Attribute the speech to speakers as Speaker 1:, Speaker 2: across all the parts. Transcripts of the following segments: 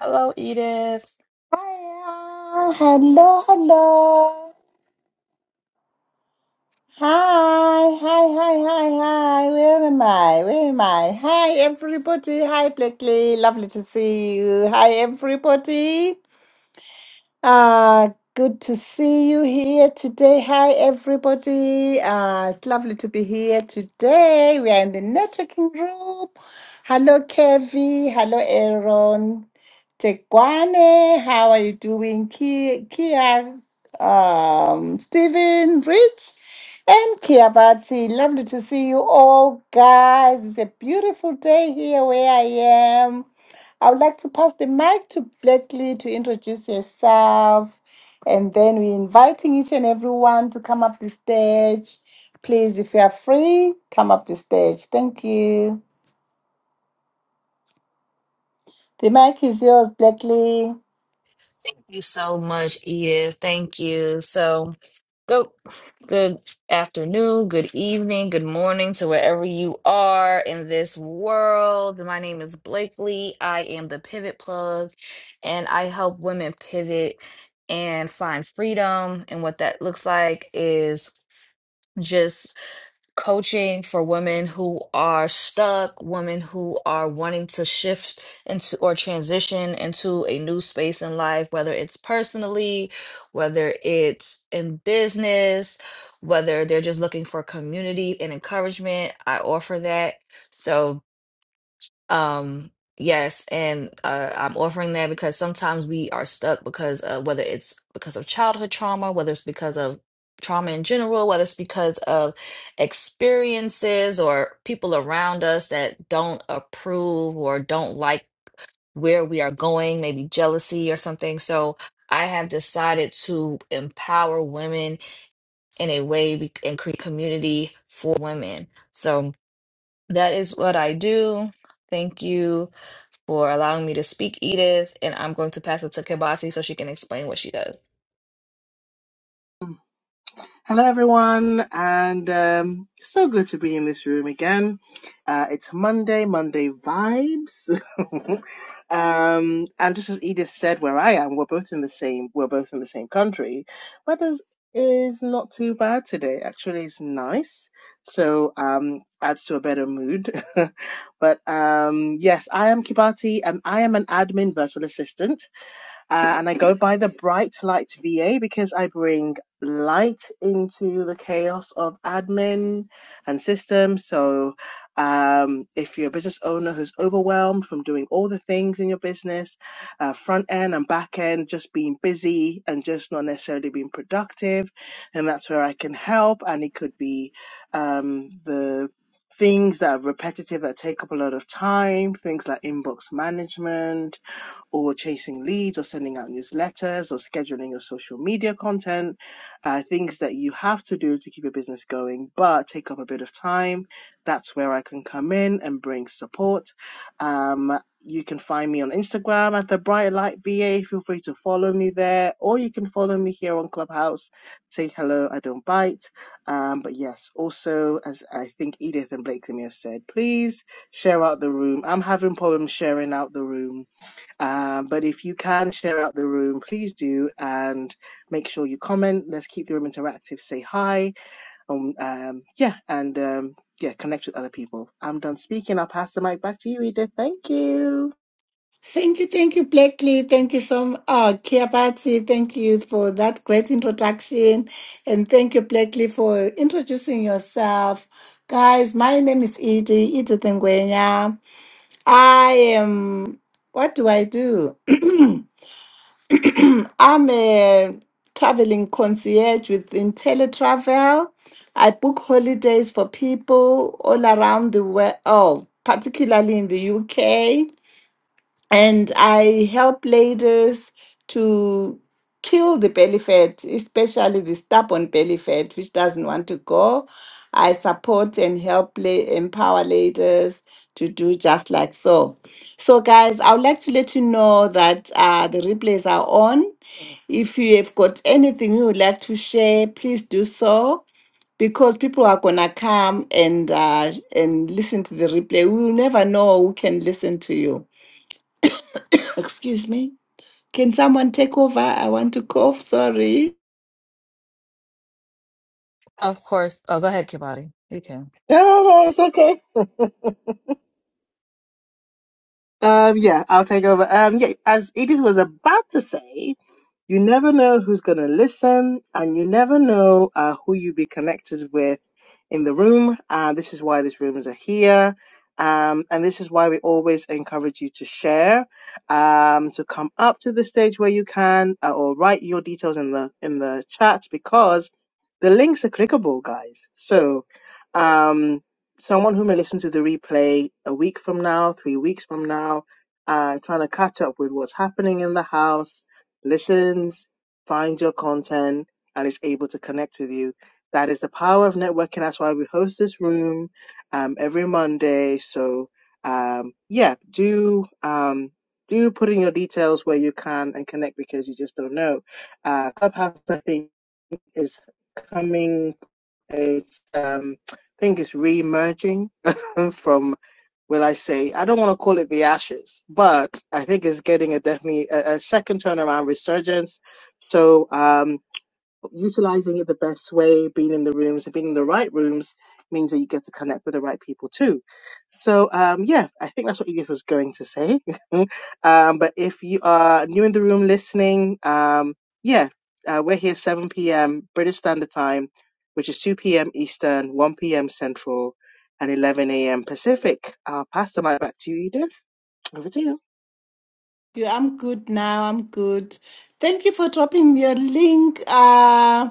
Speaker 1: Hello, Edith.
Speaker 2: Hiya. Hello, hello. Hi, hi, hi, hi, hi. Where am I? Where am I? Hi, everybody. Hi, Blakely. Lovely to see you. Hi, everybody. Uh, good to see you here today. Hi, everybody. Uh, it's lovely to be here today. We are in the networking group. Hello, Kevi. Hello, Aaron. Tekwane, how are you doing? Ki- Kia, um, Stephen, Rich, and Kiabati. Lovely to see you all, guys. It's a beautiful day here where I am. I would like to pass the mic to Blakely to introduce herself. And then we're inviting each and everyone to come up the stage. Please, if you are free, come up the stage. Thank you. The mic is yours, Blakely.
Speaker 1: Thank you so much, Edith. Thank you. So, go. Good afternoon, good evening, good morning to wherever you are in this world. My name is Blakely. I am the Pivot Plug, and I help women pivot and find freedom. And what that looks like is just coaching for women who are stuck, women who are wanting to shift into or transition into a new space in life, whether it's personally, whether it's in business, whether they're just looking for community and encouragement. I offer that. So um, yes, and uh, I'm offering that because sometimes we are stuck because uh, whether it's because of childhood trauma, whether it's because of trauma in general, whether it's because of experiences or people around us that don't approve or don't like where we are going, maybe jealousy or something. So I have decided to empower women in a way we, and create community for women. So that is what I do. Thank you for allowing me to speak, Edith, and I'm going to pass it to Kibasi so she can explain what she does.
Speaker 3: Hello, everyone, and um, so good to be in this room again. Uh, it's Monday, Monday vibes, um, and just as Edith said, where I am, we're both in the same, we're both in the same country. Weather is not too bad today. Actually, it's nice, so um, adds to a better mood. but um, yes, I am Kibati, and I am an admin virtual assistant uh, and I go by the Bright Light VA because I bring light into the chaos of admin and systems. So, um, if you're a business owner who's overwhelmed from doing all the things in your business, uh, front end and back end, just being busy and just not necessarily being productive, and that's where I can help. And it could be um, the things that are repetitive that take up a lot of time, things like inbox management or chasing leads or sending out newsletters or scheduling your social media content, uh, things that you have to do to keep your business going, but take up a bit of time. That's where I can come in and bring support. Um, you can find me on Instagram at the Bright Light VA. Feel free to follow me there, or you can follow me here on Clubhouse. Say hello, I don't bite. Um, but yes, also, as I think Edith and Blakely may have said, please share out the room. I'm having problems sharing out the room uh, but if you can share out the room, please do and make sure you comment. Let's keep the room interactive. Say hi. Um, um, yeah, and um, yeah, connect with other people. I'm done speaking. I'll pass the mic back to you, Edith. Thank you.
Speaker 2: Thank you, thank you, Blakely. Thank you so much. Oh, Kiapati, thank you for that great introduction. And thank you, Blakely, for introducing yourself. Guys, my name is Edie, Edith Nguyenya. I am, what do I do? I'm a traveling concierge with IntelliTravel. I book holidays for people all around the world, oh, particularly in the UK and I help ladies to kill the belly fat, especially the stubborn belly fat, which doesn't want to go. I support and help la- empower ladies to do just like so. So, guys, I would like to let you know that uh, the replays are on. If you have got anything you would like to share, please do so because people are gonna come and uh, and listen to the replay. We will never know who can listen to you. Excuse me. Can someone take over? I want to cough. Sorry.
Speaker 1: Of course. Oh, go ahead, Kibati. You can.
Speaker 3: No, no, no, it's okay. Um, yeah, I'll take over. Um, yeah, as Edith was about to say, you never know who's going to listen and you never know uh, who you be connected with in the room. Uh, this is why these rooms are here. Um, and this is why we always encourage you to share, um, to come up to the stage where you can, uh, or write your details in the in the chat because the links are clickable, guys. So, um, someone who may listen to the replay a week from now, three weeks from now, uh, trying to catch up with what's happening in the house, listens, finds your content, and is able to connect with you. That is the power of networking. That's why we host this room um, every Monday. So, um, yeah, do um, do put in your details where you can and connect because you just don't know. Uh, Clubhouse, I think, is coming it's um, I think it's re-emerging from. Will I say I don't want to call it the ashes, but I think it's getting a definitely a, a second turnaround resurgence. So um, utilizing it the best way, being in the rooms and being in the right rooms means that you get to connect with the right people too. So um, yeah, I think that's what Edith was going to say. um, but if you are new in the room listening, um, yeah, uh, we're here 7 p.m. British Standard Time, which is 2 p.m. Eastern, 1 p.m. Central, and 11 a.m. Pacific. I'll pass the mic back to you, Edith. Over to you.
Speaker 2: You- I'm good now. I'm good. Thank you for dropping your link. Uh,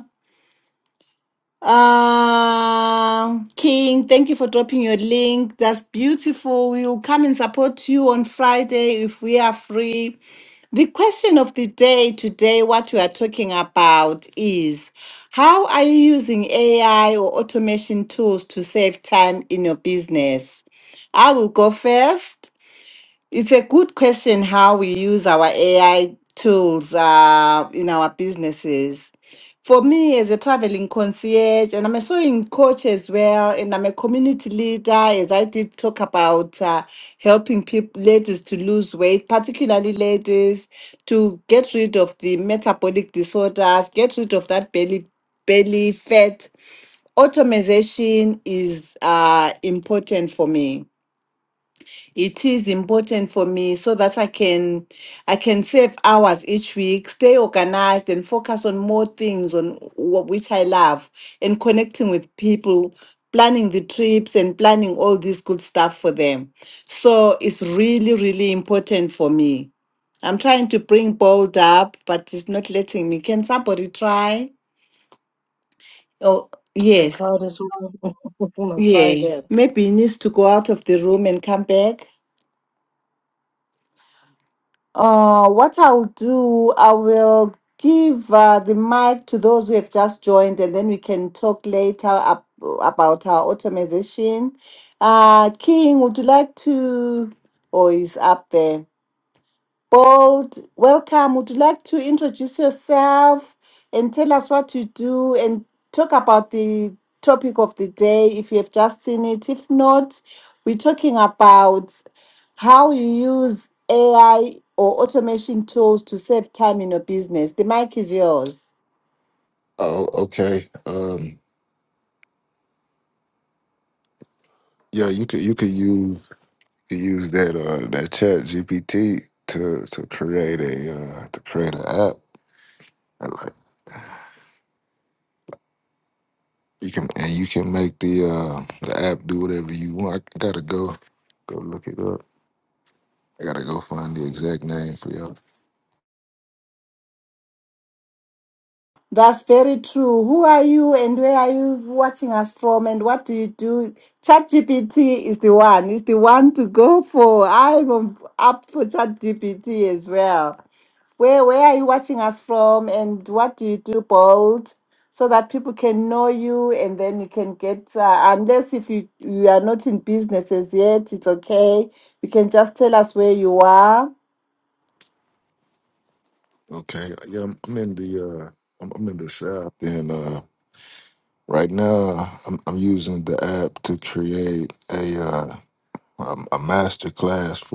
Speaker 2: Uh, King, thank you for dropping your link. That's beautiful. We will come and support you on Friday if we are free. The question of the day today, what we are talking about is how are you using AI or automation tools to save time in your business? I will go first. It's a good question how we use our AI tools uh, in our businesses. For me, as a traveling concierge, and I'm a sewing coach as well, and I'm a community leader, as I did talk about uh, helping people, ladies to lose weight, particularly ladies, to get rid of the metabolic disorders, get rid of that belly belly fat. Automation is uh, important for me it is important for me so that i can i can save hours each week stay organized and focus on more things on what which i love and connecting with people planning the trips and planning all this good stuff for them so it's really really important for me i'm trying to bring bold up but it's not letting me can somebody try oh
Speaker 3: I
Speaker 2: yes
Speaker 3: tried this one. I'm gonna try
Speaker 2: yeah
Speaker 3: again.
Speaker 2: maybe he needs to go out of the room and come back Uh, what I'll do, I will give uh, the mic to those who have just joined, and then we can talk later ab- about our automation. Uh, King, would you like to? Oh, he's up there. Bold, welcome. Would you like to introduce yourself and tell us what you do and talk about the topic of the day if you have just seen it? If not, we're talking about how you use AI or automation tools to save time in your business. The mic is yours.
Speaker 4: Oh, okay. Um, yeah, you could you could use you could use that uh that Chat GPT to to create a uh to create an app. And like you can and you can make the uh the app do whatever you want. I gotta go go look it up. I gotta go find the exact name for y'all.
Speaker 2: That's very true. Who are you and where are you watching us from and what do you do? ChatGPT is the one. It's the one to go for. I'm on- up for ChatGPT as well. Where where are you watching us from and what do you do, Bold? So that people can know you and then you can get uh, unless if you you are not in businesses yet, it's okay. You can just tell us where you are
Speaker 4: Okay. Yeah, I'm, I'm in the uh I'm, I'm in the shop and uh right now I'm I'm using the app to create a uh a, a master class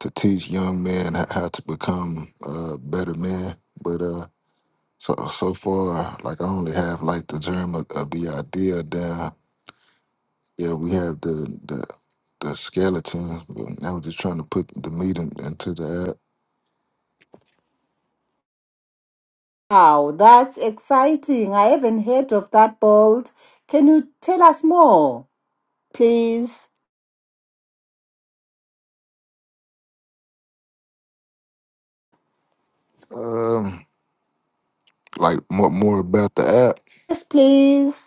Speaker 4: to teach young men h- how to become uh, better men. But uh, so so far, like I only have like the germ of, of the idea down. Yeah, we have the the the skeleton. but Now we're just trying to put the meat in, into the app.
Speaker 2: Wow, that's exciting. I haven't heard of that bolt. Can you tell us more, please?
Speaker 4: Um, like more more about the app.
Speaker 2: Yes, please.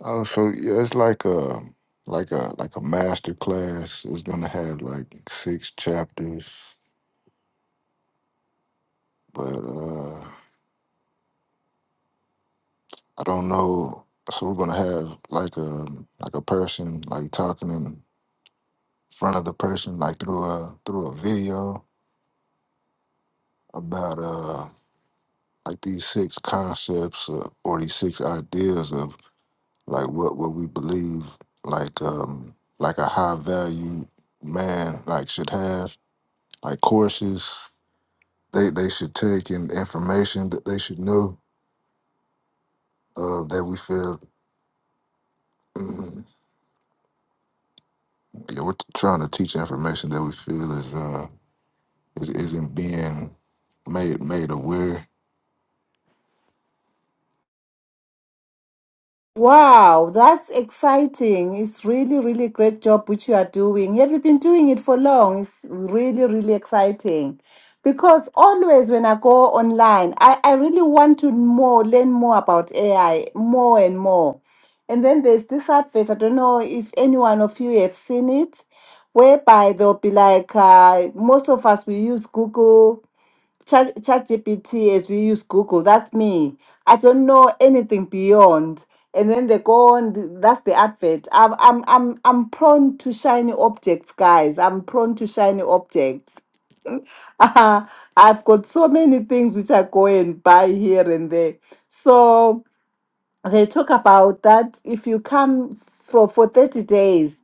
Speaker 4: Oh, so yeah, it's like a like a like a master class. It's gonna have like six chapters, but uh. I don't know. So we're gonna have like a like a person like talking in front of the person like through a through a video about uh like these six concepts uh, or these six ideas of like what what we believe like um like a high value man like should have like courses they they should take and information that they should know uh that we feel mm, yeah we're trying to teach information that we feel is uh. is, isn't being made made aware
Speaker 2: Wow, that's exciting. It's really, really great job which you are doing. Have you been doing it for long? It's really, really exciting. Because always when I go online, I, I really want to more learn more about AI, more and more. And then there's this advert, I don't know if any one of you have seen it, whereby they'll be like, uh, most of us we use Google Chat ChatGPT as we use Google. That's me. I don't know anything beyond. And then they go on. That's the advert. I'm I'm I'm I'm prone to shiny objects, guys. I'm prone to shiny objects. I've got so many things which I go and buy here and there. So they talk about that if you come for for 30 days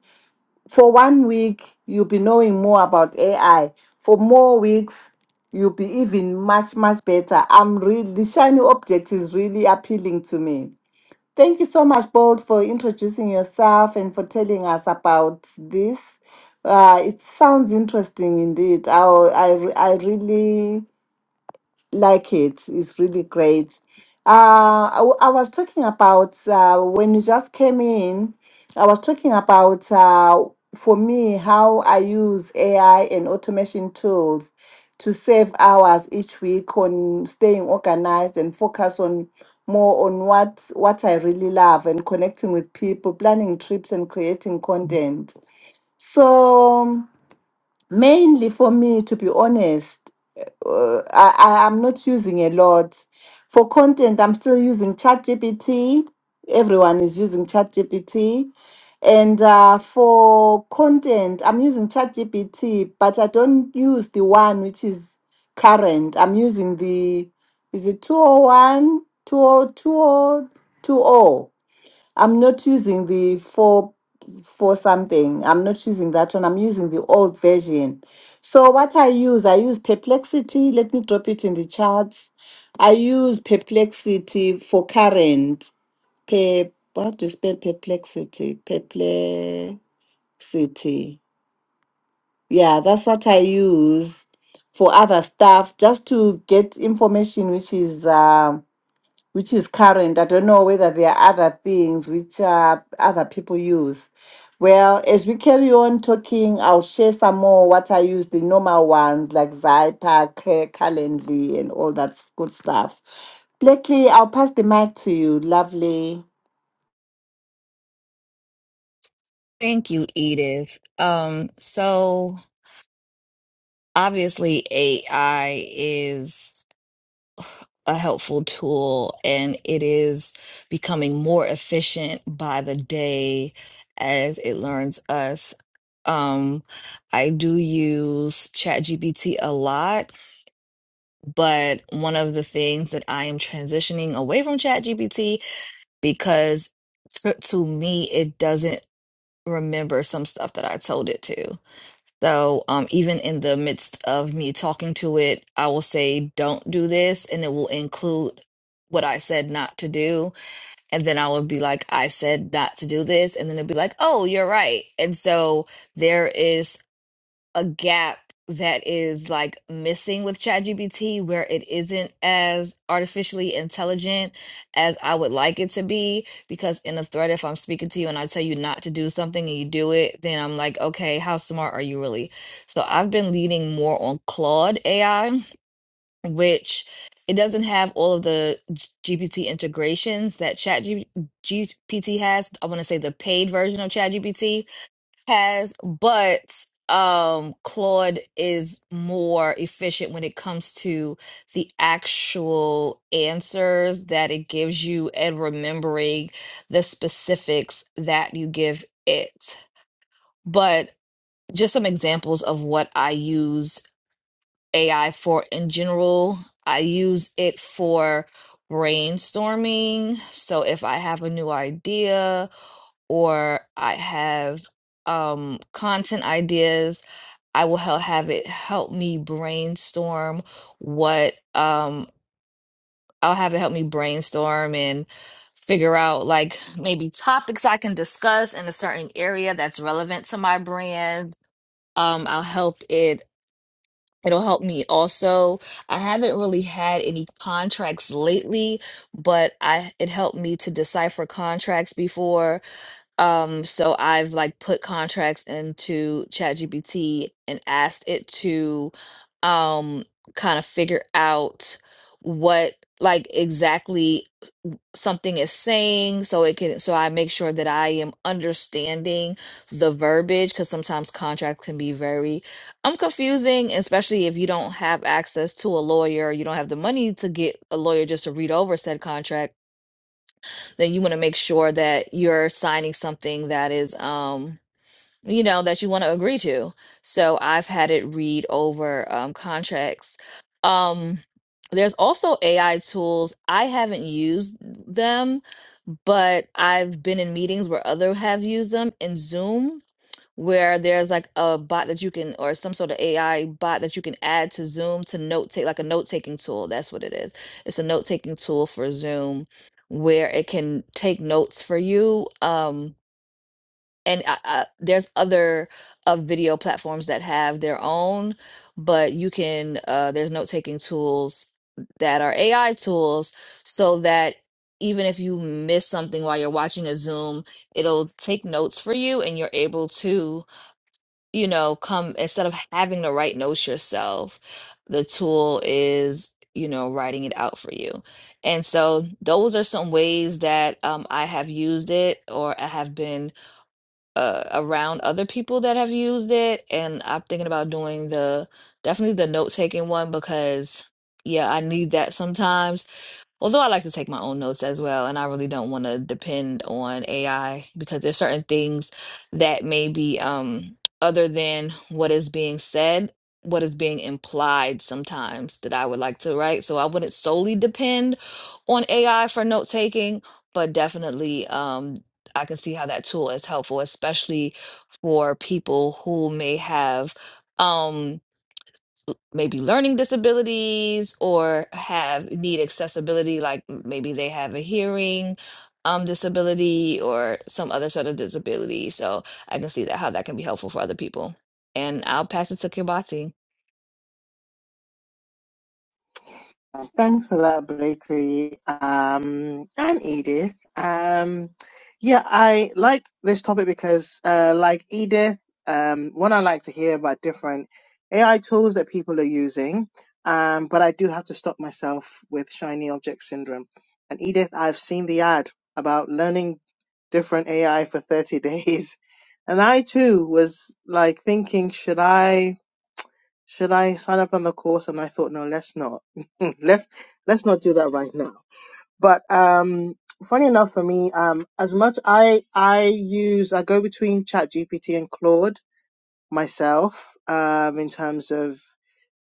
Speaker 2: for one week, you'll be knowing more about AI. For more weeks, you'll be even much, much better. I'm really, the shiny object is really appealing to me. Thank you so much, Bold, for introducing yourself and for telling us about this. Uh, it sounds interesting indeed. I, I, I really like it. It's really great. Uh, I, w- I was talking about uh, when you just came in, I was talking about uh, for me how I use AI and automation tools to save hours each week on staying organized and focus on more on what what I really love and connecting with people, planning trips and creating content. So Mainly for me, to be honest, uh, I, I am not using a lot. For content, I'm still using ChatGPT. Everyone is using ChatGPT. And uh, for content, I'm using ChatGPT, but I don't use the one which is current. I'm using the, is it 201, I'm not using the four four something. I'm not using that one. I'm using the old version. So what I use, I use perplexity. Let me drop it in the charts. I use perplexity for current. Per what do you spell perplexity? Perplexity. Yeah, that's what I use for other stuff just to get information which is um which is current. I don't know whether there are other things which uh, other people use. Well, as we carry on talking, I'll share some more what I use the normal ones like Zypa, Ca- Calendly, and all that s- good stuff. Blakely, I'll pass the mic to you. Lovely.
Speaker 1: Thank you, Edith. Um, so obviously AI is. a helpful tool and it is becoming more efficient by the day as it learns us. Um, I do use ChatGPT a lot, but one of the things that I am transitioning away from ChatGPT because to, to me it doesn't remember some stuff that I told it to. So, um, even in the midst of me talking to it, I will say, don't do this, and it will include what I said not to do. And then I will be like, I said not to do this. And then it'll be like, oh, you're right. And so there is a gap that is like missing with ChatGPT where it isn't as artificially intelligent as I would like it to be. Because in a thread, if I'm speaking to you and I tell you not to do something and you do it, then I'm like, okay, how smart are you really? So I've been leaning more on Claude AI, which it doesn't have all of the G- GPT integrations that ChatGPT has. I want to say the paid version of ChatGPT has, but um Claude is more efficient when it comes to the actual answers that it gives you and remembering the specifics that you give it. But just some examples of what I use AI for in general. I use it for brainstorming. So if I have a new idea or I have um content ideas I will help have it help me brainstorm what um I'll have it help me brainstorm and figure out like maybe topics I can discuss in a certain area that's relevant to my brand. Um, I'll help it. It'll help me also. I haven't really had any contracts lately, but I it helped me to decipher contracts before. Um, so I've like put contracts into ChatGPT and asked it to um kind of figure out what like exactly something is saying so it can so I make sure that I am understanding the verbiage because sometimes contracts can be very um confusing, especially if you don't have access to a lawyer, you don't have the money to get a lawyer just to read over said contract then you want to make sure that you're signing something that is um you know that you want to agree to so i've had it read over um contracts um there's also ai tools i haven't used them but i've been in meetings where other have used them in zoom where there's like a bot that you can or some sort of AI bot that you can add to Zoom to note take like a note taking tool. That's what it is. It's a note taking tool for Zoom where it can take notes for you. Um, and I, I, there's other uh, video platforms that have their own, but you can uh, there's note taking tools that are AI tools so that even if you miss something while you're watching a Zoom, it'll take notes for you and you're able to you know, come instead of having to write notes yourself, the tool is, you know, writing it out for you. And so those are some ways that um, I have used it or I have been uh, around other people that have used it. And I'm thinking about doing the definitely the note taking one because, yeah, I need that sometimes Although I like to take my own notes as well, and I really don't want to depend on AI because there's certain things that may be um, other than what is being said, what is being implied sometimes that I would like to write. So I wouldn't solely depend on AI for note taking, but definitely um, I can see how that tool is helpful, especially for people who may have. Um, l- maybe learning disabilities or have need accessibility, like m- maybe they have a hearing um, disability or some other sort of disability. So I can see that how that can be helpful for other people. And I'll pass it to Kibati.
Speaker 3: Uh, Thanks for that, Blakely um, and Edith. Um, yeah, I like this topic because, uh, like Edith, um, one I like to hear about different AI tools that people are using, um, but I do have to stop myself with shiny object syndrome. And Edith, I've seen the ad about learning different AI for 30 days. And I too was like thinking, should I? Should I sign up on the course? And I thought, no, let's not. let's let's not do that right now. But um, funny enough for me, um, as much I I use I go between ChatGPT and Claude myself um, in terms of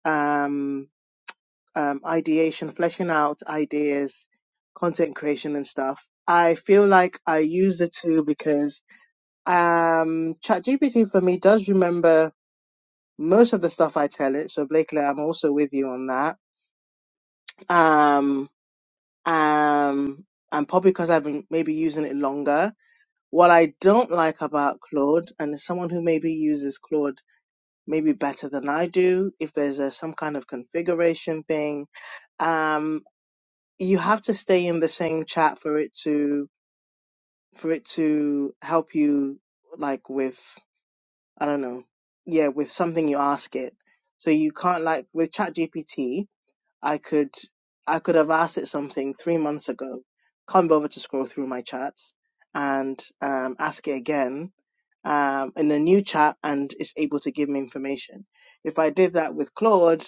Speaker 3: um, um, ideation, fleshing out ideas, content creation and stuff. I feel like I use the two because um, ChatGPT for me does remember most of the stuff I tell it. So Blakely, I'm also with you on that um, um, and probably because I've been maybe using it longer. What I don't like about Claude, and as someone who maybe uses Claude maybe better than I do, if there's a, some kind of configuration thing, um, you have to stay in the same chat for it to for it to help you, like with I don't know, yeah, with something you ask it. So you can't like with ChatGPT, I could I could have asked it something three months ago, come over to scroll through my chats and um, ask it again um, in a new chat, and it's able to give me information. If I did that with Claude,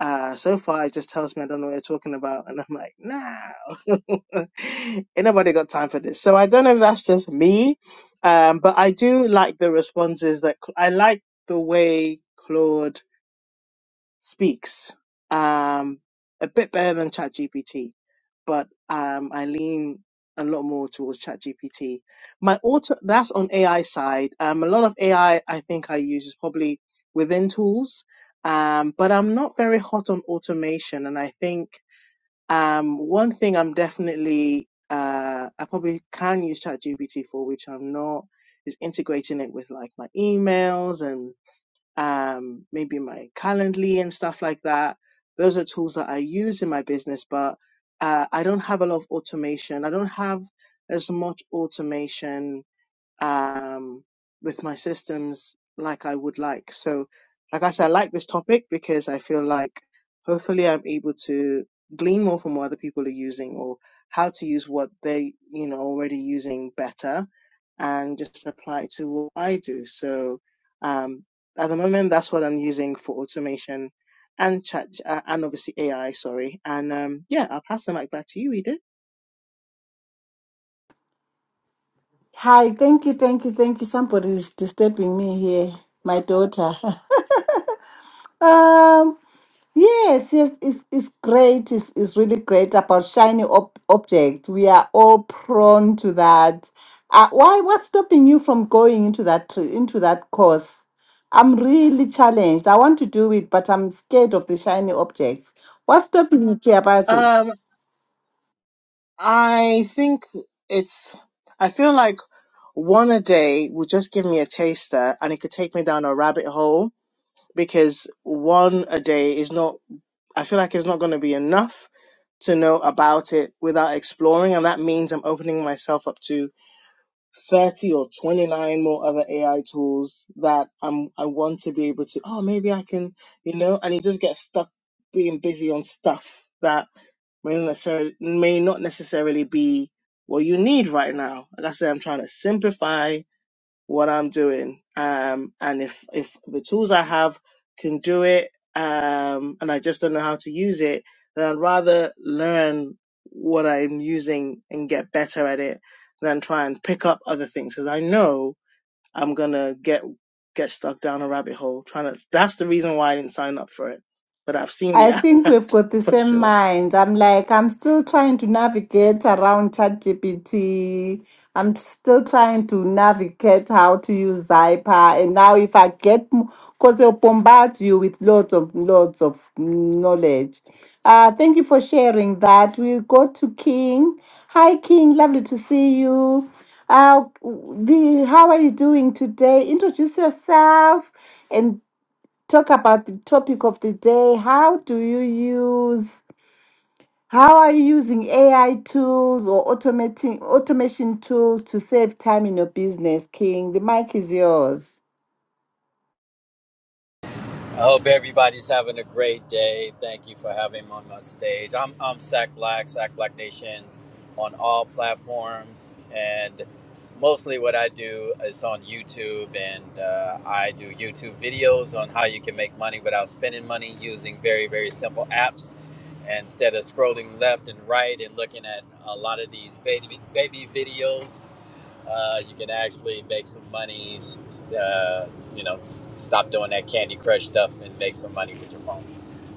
Speaker 3: uh, so far it just tells me I don't know what you're talking about, and I'm like, nah, ain't nobody got time for this. So I don't know if that's just me, um, but I do like the responses that I like the way Claude speaks um, a bit better than ChatGPT, but um, I lean a lot more towards ChatGPT. My auto that's on AI side. Um, a lot of AI I I think I use is probably within tools, um, but I'm not very hot on automation, and I think um, one thing I'm definitely uh, I probably can use ChatGPT for, which I'm not, is integrating it with like my emails and um, maybe my Calendly and stuff like that. Those are tools that I use in my business, but uh, I don't have a lot of automation. I don't have as much automation um, with my systems like I would like. So, like I said, I like this topic because I feel like hopefully I'm able to glean more from what other people are using or how to use what they, you know, already using better and just apply it to what I do. So, um, at the moment, that's what I'm using for automation and chat, uh, and obviously AI, sorry. And, um, yeah, I'll pass the mic back to you, Edith.
Speaker 2: Hi, thank you, thank you, thank you. Somebody's disturbing me here, my daughter. um, Yes, yes, it's, it's great. It's, it's really great about shiny ob objects. We are all prone to that. Uh, why? What's stopping you from going into that into that course? I'm really challenged. I want to do it, but I'm scared of the shiny objects. What's stopping you, Kiabati?
Speaker 3: Um, I think it's, I feel like one a day would just give me a taster and it could take me down a rabbit hole because one a day is not, I feel like it's not going to be enough to know about it without exploring. And that means I'm opening myself up to 30 or 29 more other AI tools that I'm, I want to be able to, oh, maybe I can, you know, and you just get stuck being busy on stuff that may not necessarily, may not necessarily be what you need right now. Like I said, I'm trying to simplify what I'm doing. Um, and if if the tools I have can do it, um, and I just don't know how to use it, then I'd rather learn what I'm using and get better at it than try and pick up other things because I know I'm gonna get get stuck down a rabbit hole trying to. That's the reason why I didn't sign up for it. But I've seen the
Speaker 2: I
Speaker 3: app
Speaker 2: think we've got the
Speaker 3: for
Speaker 2: same
Speaker 3: sure.
Speaker 2: mind. I'm like, I'm still trying to navigate around ChatGPT. I'm still trying to navigate how to use Zyper. And now, if I get, because they'll bombard you with loads of loads of knowledge. Uh, thank you for sharing that. We'll go to King. Hi, King. Lovely to see you. Uh, the how are you doing today? Introduce yourself, and talk about the topic of the day. How do you use how are you using AI tools or automating automation tools to save time in your business, King? The mic is yours.
Speaker 5: I hope everybody's having a great day. Thank you for having me on my stage. I'm I'm Sack Black, Sack Black Nation, on all platforms, and mostly what I do is on YouTube, and uh, I do YouTube videos on how you can make money without spending money using very very simple apps, instead of scrolling left and right and looking at a lot of these baby baby videos uh, you can actually make some money. Uh, you know, stop doing that Candy Crush stuff and make some money with your phone.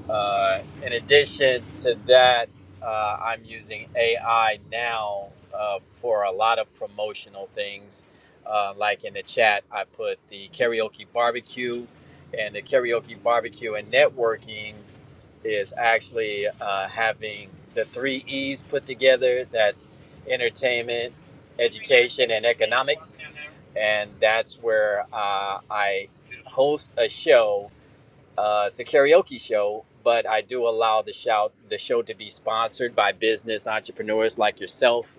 Speaker 5: Uh, in addition to that, uh, I'm using AI now uh, for a lot of promotional things. Uh, like in the chat, I put the karaoke barbecue, and the karaoke barbecue and networking is actually uh, having the three E's put together. That's entertainment, education and economics and that's where uh, I host a show. Uh, it's a karaoke show, but I do allow the shout the show to be sponsored by business entrepreneurs like yourself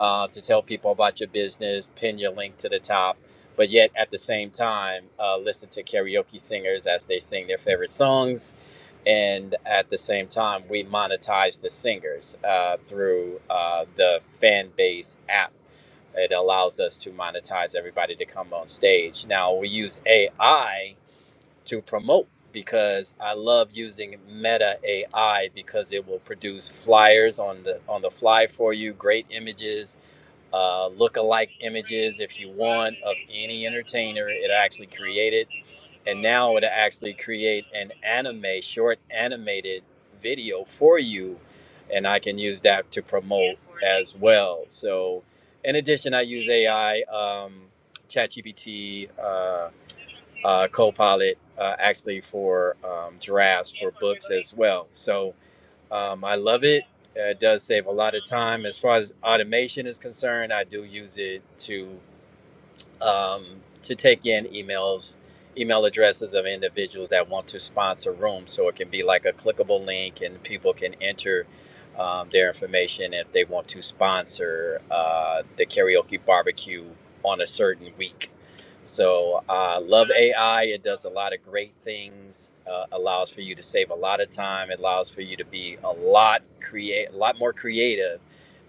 Speaker 5: uh, to tell people about your business, pin your link to the top, but yet at the same time uh, listen to karaoke singers as they sing their favorite songs, and at the same time we monetize the singers uh, through uh, the fan base app it allows us to monetize everybody to come on stage. Now we use AI to promote because I love using Meta AI because it will produce flyers on the on the fly for you, great images, uh, look-alike images if you want of any entertainer. It actually created and now it'll actually create an anime short animated video for you and i can use that to promote as well so in addition i use ai um, chatgpt uh, uh, copilot uh, actually for um, drafts for books as well so um, i love it Uh, it does save a lot of time as far as automation is concerned i do use it to um, to take in emails, email addresses of individuals that want to sponsor rooms. So it can be like a clickable link, and people can enter um, their information if they want to sponsor uh, the karaoke barbecue on a certain week. So I uh, love AI. It does a lot of great things. Uh, allows for you to save a lot of time. It allows for you to be a lot create a lot more creative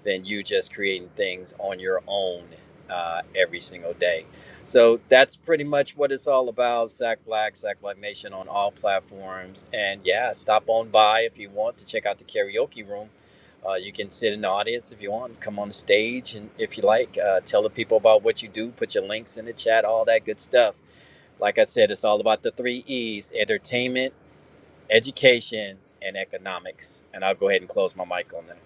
Speaker 5: than you just creating things on your own uh, every single day. So that's pretty much what it's all about. Sack Black, Sack Black Nation on all platforms. And yeah, stop on by if you want to check out the karaoke room. Uh, you can sit in the audience if you want, come on stage, and if you like, uh, tell the people about what you do, put your links in the chat, all that good stuff. Like I said, it's all about the three E's entertainment, education, and economics. And I'll go ahead and close my mic on that.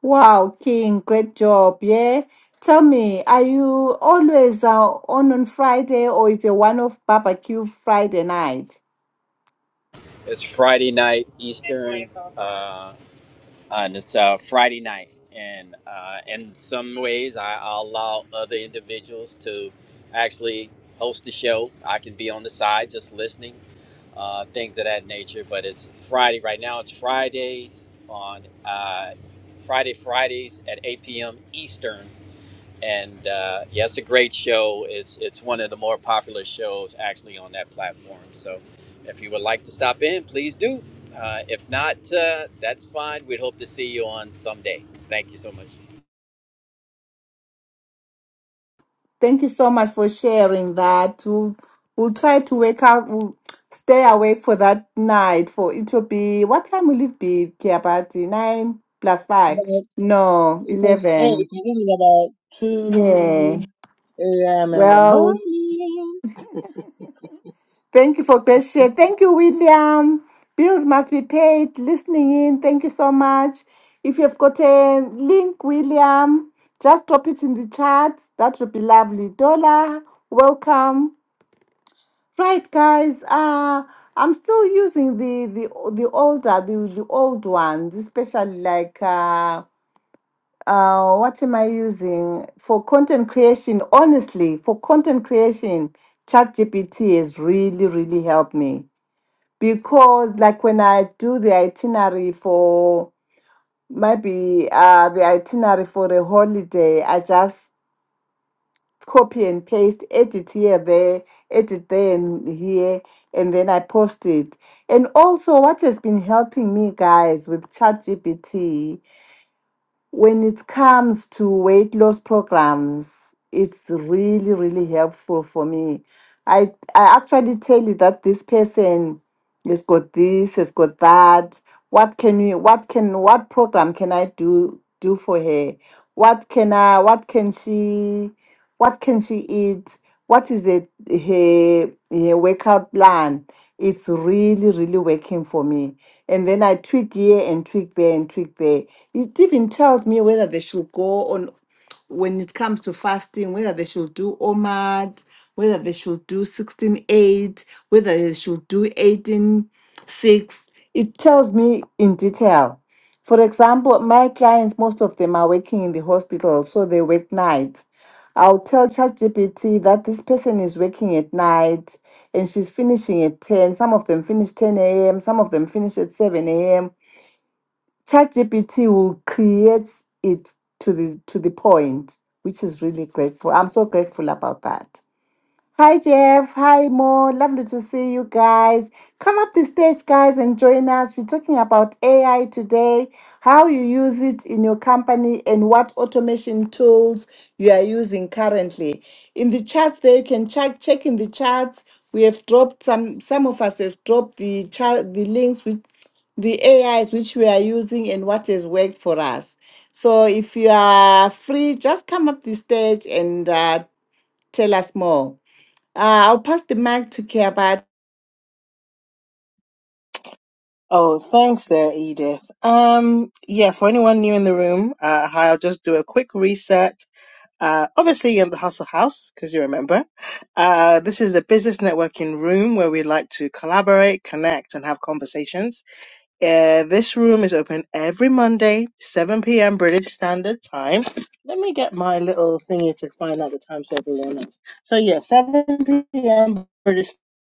Speaker 2: Wow, King, great job. Yeah. Tell me, are you always uh, on on Friday or is it one off barbecue Friday night?
Speaker 5: It's Friday night, Eastern. Uh, and it's uh, Friday night. And uh, in some ways, I I allow other individuals to actually host the show. I can be on the side just listening, uh, things of that nature. But it's Friday right now. It's Fridays on uh, Friday Fridays at 8 p.m. Eastern and uh, yeah, it's a great show. It's it's one of the more popular shows actually on that platform. So if you would like to stop in, please do. Uh, if not, uh, that's fine. We'd hope to see you on someday. Thank you so much.
Speaker 2: Thank you so much for sharing that. We'll, we'll try to wake up, we'll stay awake for that night. For it will be, what time will it be, Kiabati? Nine plus five?
Speaker 3: About
Speaker 2: No,
Speaker 3: it says, hey,
Speaker 2: 11.
Speaker 3: it's about
Speaker 2: Yeah.
Speaker 3: two a.m. in the
Speaker 2: Well,
Speaker 3: morning.
Speaker 2: thank you for great share. Thank you, William. Bills must be paid. Listening in. Thank you so much. If you've got a link, William, just drop it in the chat. That would be lovely. Dollar, welcome. Right, guys. Uh, I'm still using the the the older the the old ones, especially like uh, uh, what am I using for content creation? Honestly, for content creation, ChatGPT has really really helped me because like when I do the itinerary for maybe uh the itinerary for a holiday, I just copy and paste, edit here, there, edit there and here, and then I post it. And also, what has been helping me, guys, with ChatGPT when it comes to weight loss programs, it's really, really helpful for me. I, I actually tell you that this person it's got this, it's got that. What can you what can what program can I do do for her? What can I what can she what can she eat? What is it her her workout plan? It's really, really working for me. And then I tweak here and tweak there and tweak there. It even tells me whether they should go on when it comes to fasting, whether they should do OMAD, whether they should do 16 8, whether they should do 18 6, It tells me in detail. For example, my clients, most of them are working in the hospital, so they work nights. I'll tell ChatGPT that this person is working at night and she's finishing at 10. Some of them finish 10 a.m., some of them finish at 7 a.m. ChatGPT will create it to the to the point, which is really grateful. I'm so grateful about that. Hi, Jeff. Hi, Mo. Lovely to see you guys. Come up the stage, guys, and join us. We're talking about AI today, how you use it in your company, and what automation tools you are using currently. In the charts, there you can check check in the charts. We have dropped some. Some of us has dropped the chart, the links with the AIs which we are using and what has worked for us. So if you are free, just come up the stage and uh, tell us more. Uh, I'll pass the mic to Kia, but
Speaker 3: Oh, thanks there, Edith. Um, yeah, for anyone new in the room, uh, hi, I'll just do a quick reset. Uh, obviously you're in the Hustle House, because you remember. Uh, this is the business networking room where we like to collaborate, connect, and have conversations. Uh, this room is open every Monday, 7 p.m. British Standard Time. Let me get my little thingy to find out the time so everyone knows. So, yeah, 7 p.m. British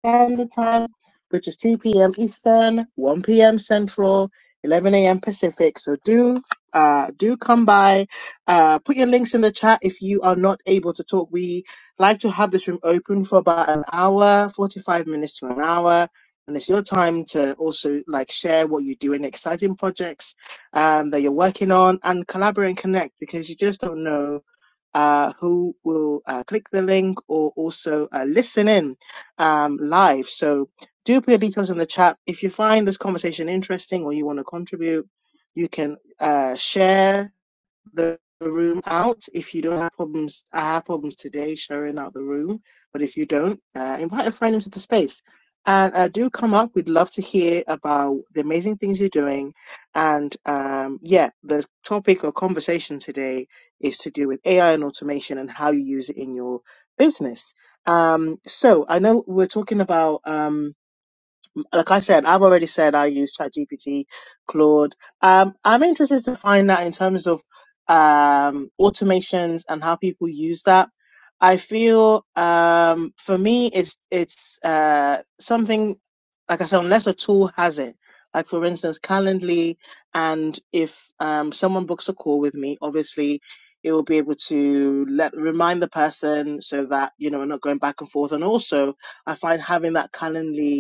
Speaker 3: Standard Time, which is 2 p.m. Eastern, 1 p.m. Central, 11 a.m. Pacific. So, do uh, do come by. Uh, put your links in the chat if you are not able to talk. We like to have this room open for about an hour, 45 minutes to an hour and it's your time to also like share what you do in exciting projects um, that you're working on and collaborate and connect because you just don't know uh, who will uh, click the link or also uh, listen in um, live. So do put your details in the chat. If you find this conversation interesting or you want to contribute, you can uh, share the room out. If you don't have problems, I have problems today sharing out the room. But if you don't, uh, invite a friend into the space. And uh, do come up. We'd love to hear about the amazing things you're doing. And um, yeah, the topic or conversation today is to do with AI and automation and how you use it in your business. Um, so I know we're talking about. Um, like I said, I've already said I use ChatGPT, Claude. Um, I'm interested to find that in terms of um, automations and how people use that. I feel um, for me, it's it's uh, something like I said, unless a tool has it. Like for instance, Calendly, and if um, someone books a call with me, obviously it will be able to let remind the person so that you know we're not going back and forth. And also, I find having that Calendly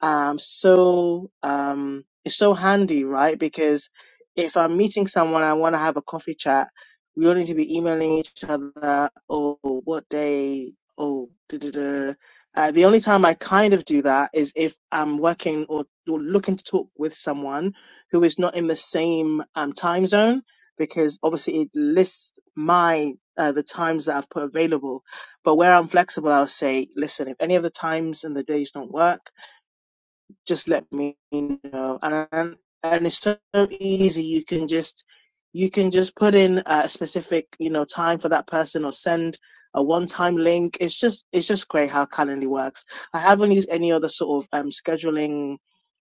Speaker 3: um, so um, it's so handy, right? Because if I'm meeting someone, I want to have a coffee chat. We don't need to be emailing each other. Oh, what day? Oh, da da da. Uh, the only time I kind of do that is if I'm working or, or looking to talk with someone who is not in the same um, time zone, because obviously it lists my uh, the times that I've put available. But where I'm flexible, I'll say, listen, if any of the times and the days don't work just let me know. And and it's so easy. You can just you can just put in a specific you know time for that person or send a one-time link. It's just it's just great how Calendly works. I haven't used any other sort of um scheduling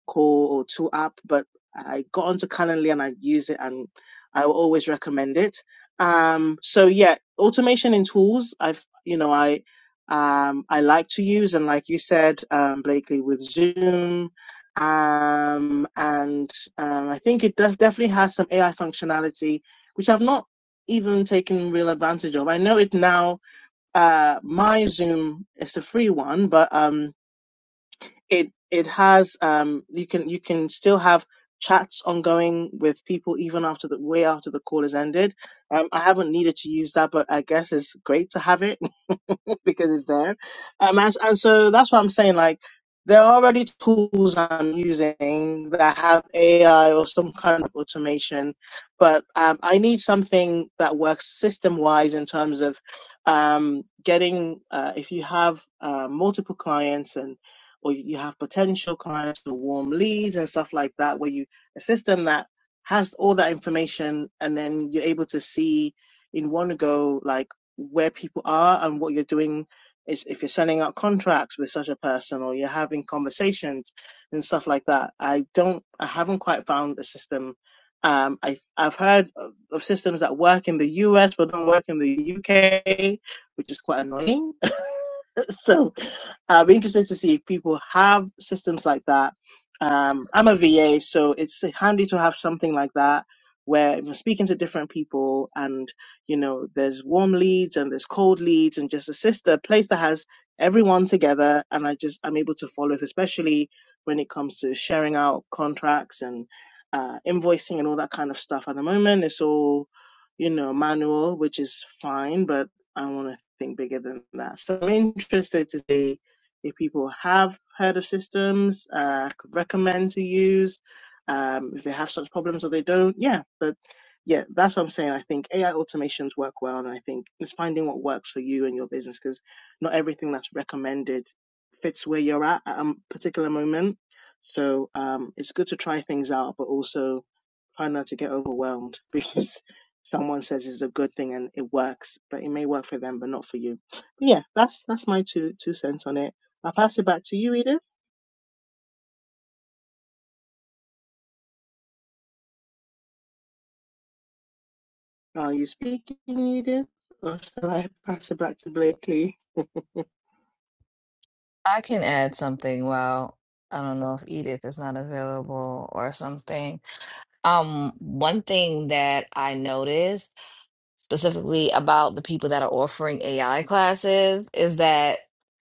Speaker 3: call or tool app, but I got onto Calendly and I use it and I will always recommend it. Um, so yeah, automation in tools, I've, you know, I, um, I like to use and like you said, um, Blakely with Zoom, um, and, um, I think it does definitely has some AI functionality, which I've not even taken real advantage of. I know it now, uh, my Zoom is a free one, but, um, it it has um you can you can still have chats ongoing with people even after the way after the call is ended. Um, I haven't needed to use that, but I guess it's great to have it because it's there. Um, and, and so that's what I'm saying. Like, there are already tools I'm using that have AI or some kind of automation, but um, I need something that works system wise in terms of um, getting, uh, if you have uh, multiple clients and or you have potential clients or warm leads and stuff like that, where you a system that has all that information and then you're able to see in one go like where people are and what you're doing is if you're sending out contracts with such a person or you're having conversations and stuff like that i don't i haven't quite found a system um, I, I've heard of of systems that work in the US but don't work in the UK, which is quite annoying so I'm interested to see if people have systems like that. Um, I'm a VA, so it's handy to have something like that where if you're speaking to different people and you know there's warm leads and there's cold leads and just a sister place that has everyone together and I just I'm able to follow it, especially when it comes to sharing out contracts and uh, invoicing and all that kind of stuff. At the moment, it's all you know manual, which is fine, but I want to anything bigger than that. So I'm interested to see if people have heard of systems, uh, could recommend to use, um, if they have such problems or they don't. Yeah, but yeah, that's what I'm saying. I think AI automations work well, and I think it's finding what works for you and your business because not everything that's recommended fits where you're at at a particular moment. So um, it's good to try things out, but also Try not to get overwhelmed because someone says it's a good thing and it works, but it may work for them, but not for you. But yeah, that's that's my two two cents on it. I'll pass it back to you, Edith. Are you speaking, Edith? Or shall I pass it back to Blakely?
Speaker 1: I can add something Well, I don't know if Edith is not available or something. Um, one thing that I noticed specifically about the people that are offering AI classes is that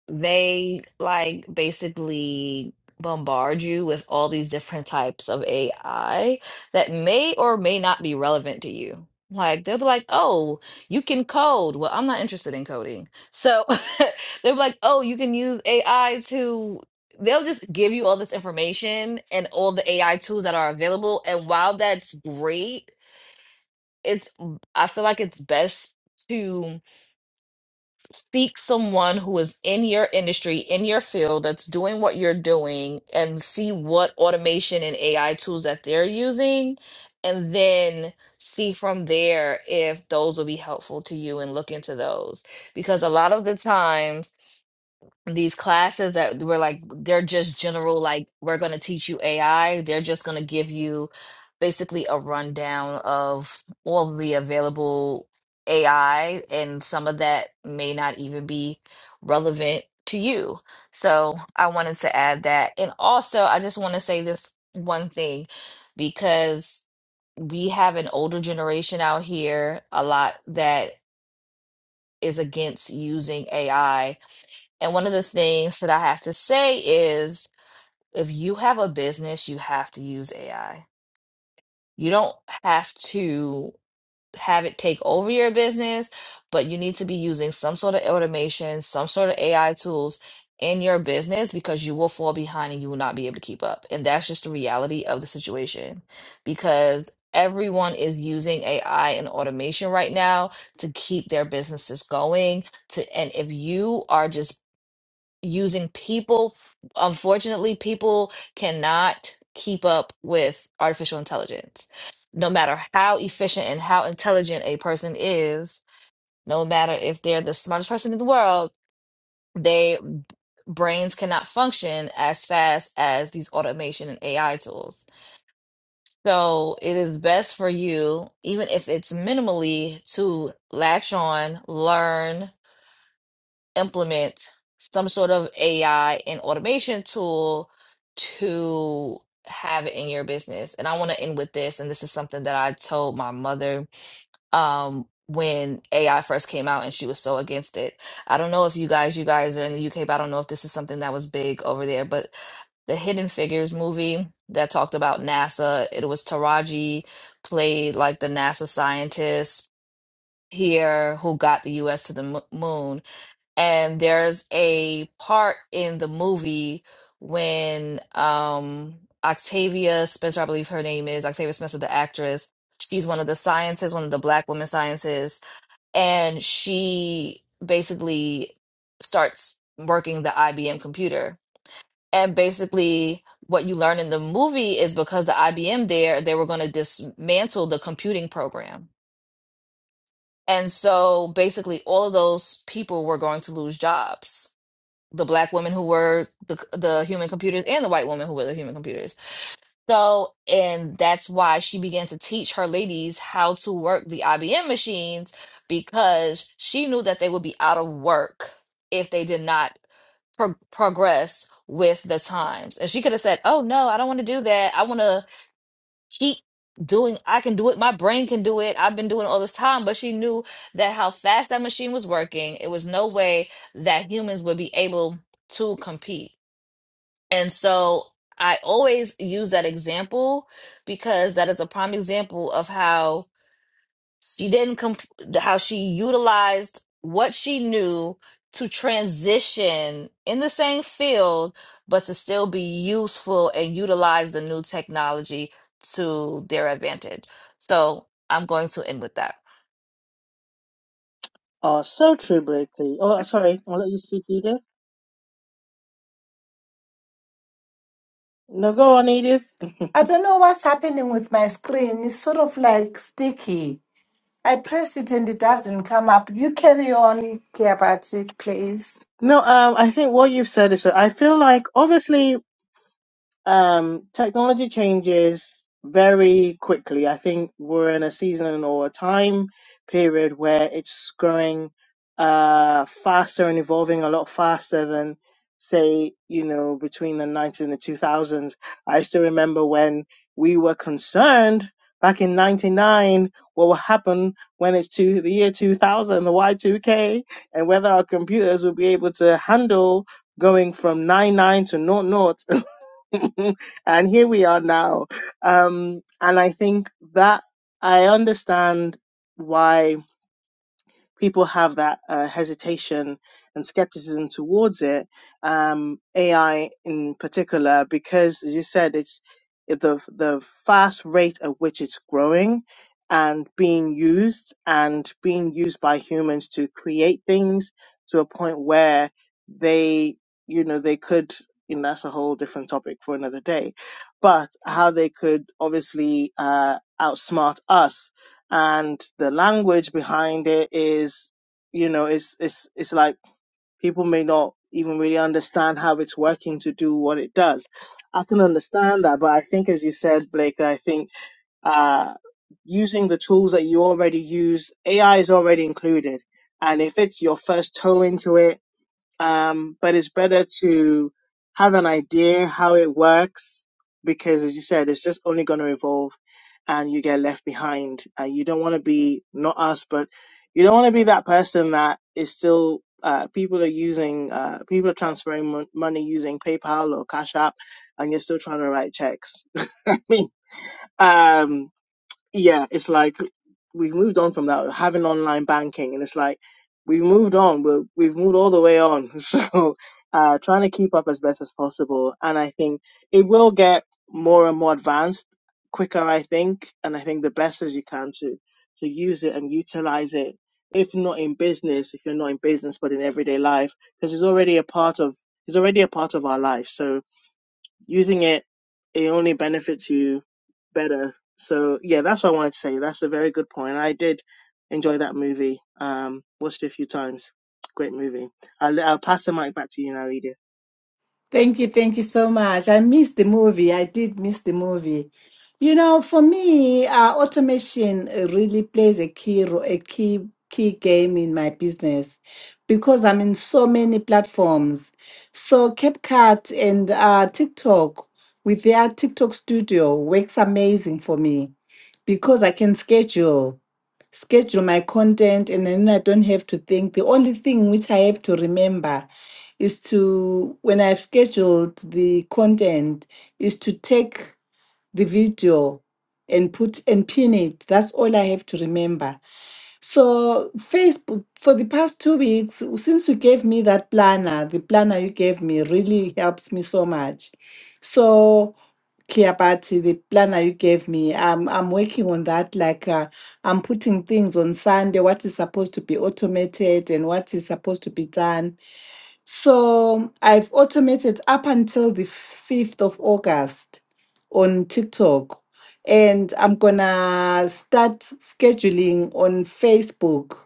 Speaker 1: they like basically bombard you with all these different types of AI that may or may not be relevant to you. Like they'll be like, "Oh, you can code." Well, I'm not interested in coding. So they'll be like, "Oh, you can use AI to They'll just give you all this information and all the AI tools that are available. And while that's great, it's mm, I feel like it's best to seek someone who is in your industry, in your field, that's doing what you're doing, and see what automation and AI tools that they're using, and then see from there if those will be helpful to you and look into those. Because a lot of the times these classes that were like they're just general like we're going to teach you AI they're just going to give you basically a rundown of all the available AI and some of that may not even be relevant to you so I wanted to add that and also I just want to say this one thing because we have an older generation out here a lot that is against using AI and one of the things that I have to say is if you have a business, you have to use AI. You don't have to have it take over your business, but you need to be using some sort of automation, some sort of AI tools in your business because you will fall behind and you will not be able to keep up. And that's just the reality of the situation because everyone is using AI and automation right now to keep their businesses going to and if you are just using people. Unfortunately, people cannot keep up with artificial intelligence. No matter how efficient and how intelligent a person is, no matter if they're the smartest person in the world, they brains cannot function as fast as these automation and AI tools. So it is best for you, even if it's minimally, to latch on, learn, implement some sort of AI and automation tool to have in your business. And I want to end with this, and this is something that I told my mother um when AI first came out and she was so against it. I don't know if you guys you guys are in the UK, but I don't know if this is something that was big over there, but the Hidden Figures movie that talked about NASA. It was Taraji played like the NASA scientist here who got the US to the mo- moon. And there's a part in the movie when um Octavia Spencer, I believe her name is Octavia Spencer, the actress. She's one of the scientists, one of the black women scientists, and she basically starts working the IBM computer. And basically, what you learn in the movie is because the IBM there, they were going to dismantle the computing program. And so basically, all of those people were going to lose jobs the black women who were the the human computers and the white women who were the human computers. So, and that's why she began to teach her ladies how to work the IBM machines because she knew that they would be out of work if they did not pro progress with the times. And she could have said, "Oh no, I don't want to do that. I want to." she doing i can do it my brain can do it i've been doing it all this time but she knew that how fast that machine was working it was no way that humans would be able to compete and so i always use that example because that is a prime example of how she didn't comp- how she utilized what she knew to transition in the same field, but to still be useful and utilize the new technology to their advantage. So I'm going to end with that.
Speaker 3: Oh, so true, Blakely. Oh, sorry, I'll let you speak, Edith. No, go on, Edith.
Speaker 2: I don't know what's happening with my screen. It's sort of like sticky. I press it and it doesn't come up. You carry on, Kiabati, please.
Speaker 3: No, um, I think what you've said is that I feel like obviously Um, technology changes very quickly. I think we're in a season or a time period where it's growing uh, faster and evolving a lot faster than, say, you know, between the 90s and the 2000s. I still remember when we were concerned back in 99 what will happen when it's to the year 2000, the Y2K, and whether our computers will be able to handle going from 99 to 00 zero. and here we are now. Um, and I think that I understand why people have that uh, hesitation and skepticism towards it, um, AI in particular, because as you said, it's the the fast rate at which it's growing and being used and being used by humans to create things to a point where they, you know, they could, and that's a whole different topic for another day, but how they could obviously uh, outsmart us and the language behind it is you know it's it's it's like people may not even really understand how it's working to do what it does i can understand that but i think as you said blake i think uh using the tools that you already use ai is already included and if it's your first toe into it um, but it's better to have an idea how it works because, as you said, it's just only going to evolve and you get left behind. And you don't want to be, not us, but you don't want to be that person that is still, uh, people are using, uh, people are transferring mon- money using PayPal or Cash App and you're still trying to write checks. I mean, um, yeah, it's like we've moved on from that having online banking, and it's like we've moved on. We're, we've moved all the way on. So uh, trying to keep up as best as possible, and I think it will get more and more advanced quicker. I think, and I think the best is you can to to use it and utilize it. If not in business, if you're not in business, but in everyday life, because it's already a part of it's already a part of our life. So using it, it only benefits you better. So yeah, that's what I wanted to say. That's a very good point. I did enjoy that movie. Um, watched it a few times. Great movie. I'll, I'll pass the mic back to you now, Edith.
Speaker 2: Thank you, thank you so much. I missed the movie. I did miss the movie. You know, for me, uh, automation uh, really plays a key ro- a key key game in my business because I'm in so many platforms. So CapCut and uh, TikTok with their TikTok studio works amazing for me because I can schedule schedule my content and then I don't have to think. The only thing which I have to remember is to, when I've scheduled the content, is to take the video and put and pin it. That's all I have to remember. So Facebook, for the past two weeks, since you gave me that planner, the planner you gave me really helps me so much. So Kiabati, the planner you gave me, I'm I'm working on that. Like uh, I'm putting things on Sunday, what is supposed to be automated and what is supposed to be done. So I've automated up until the 5th of August on TikTok. And I'm gonna start scheduling on Facebook,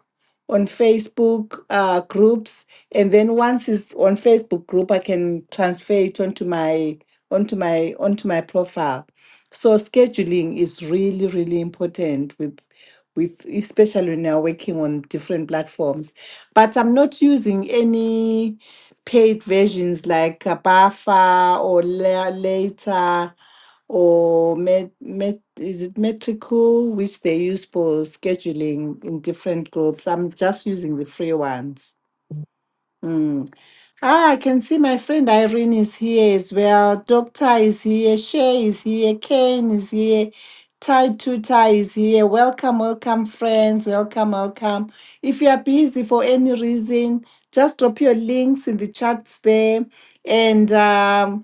Speaker 2: on Facebook uh, groups. And then once it's on Facebook group, I can transfer it onto my onto my onto my profile. So scheduling is really, really important with with especially when you're working on different platforms. But I'm not using any paid versions like uh, Bafa or La- Later or Met, Met, is it Metricool, which they use for scheduling in different groups. I'm just using the free ones. Hmm. Ah, I can see my friend Irene is here as well. Doctor is here. Shay is here. Kane is here. Tai Tuta is here. Welcome, welcome, friends. Welcome, welcome. If you are busy for any reason, just drop your links in the chats there. And um,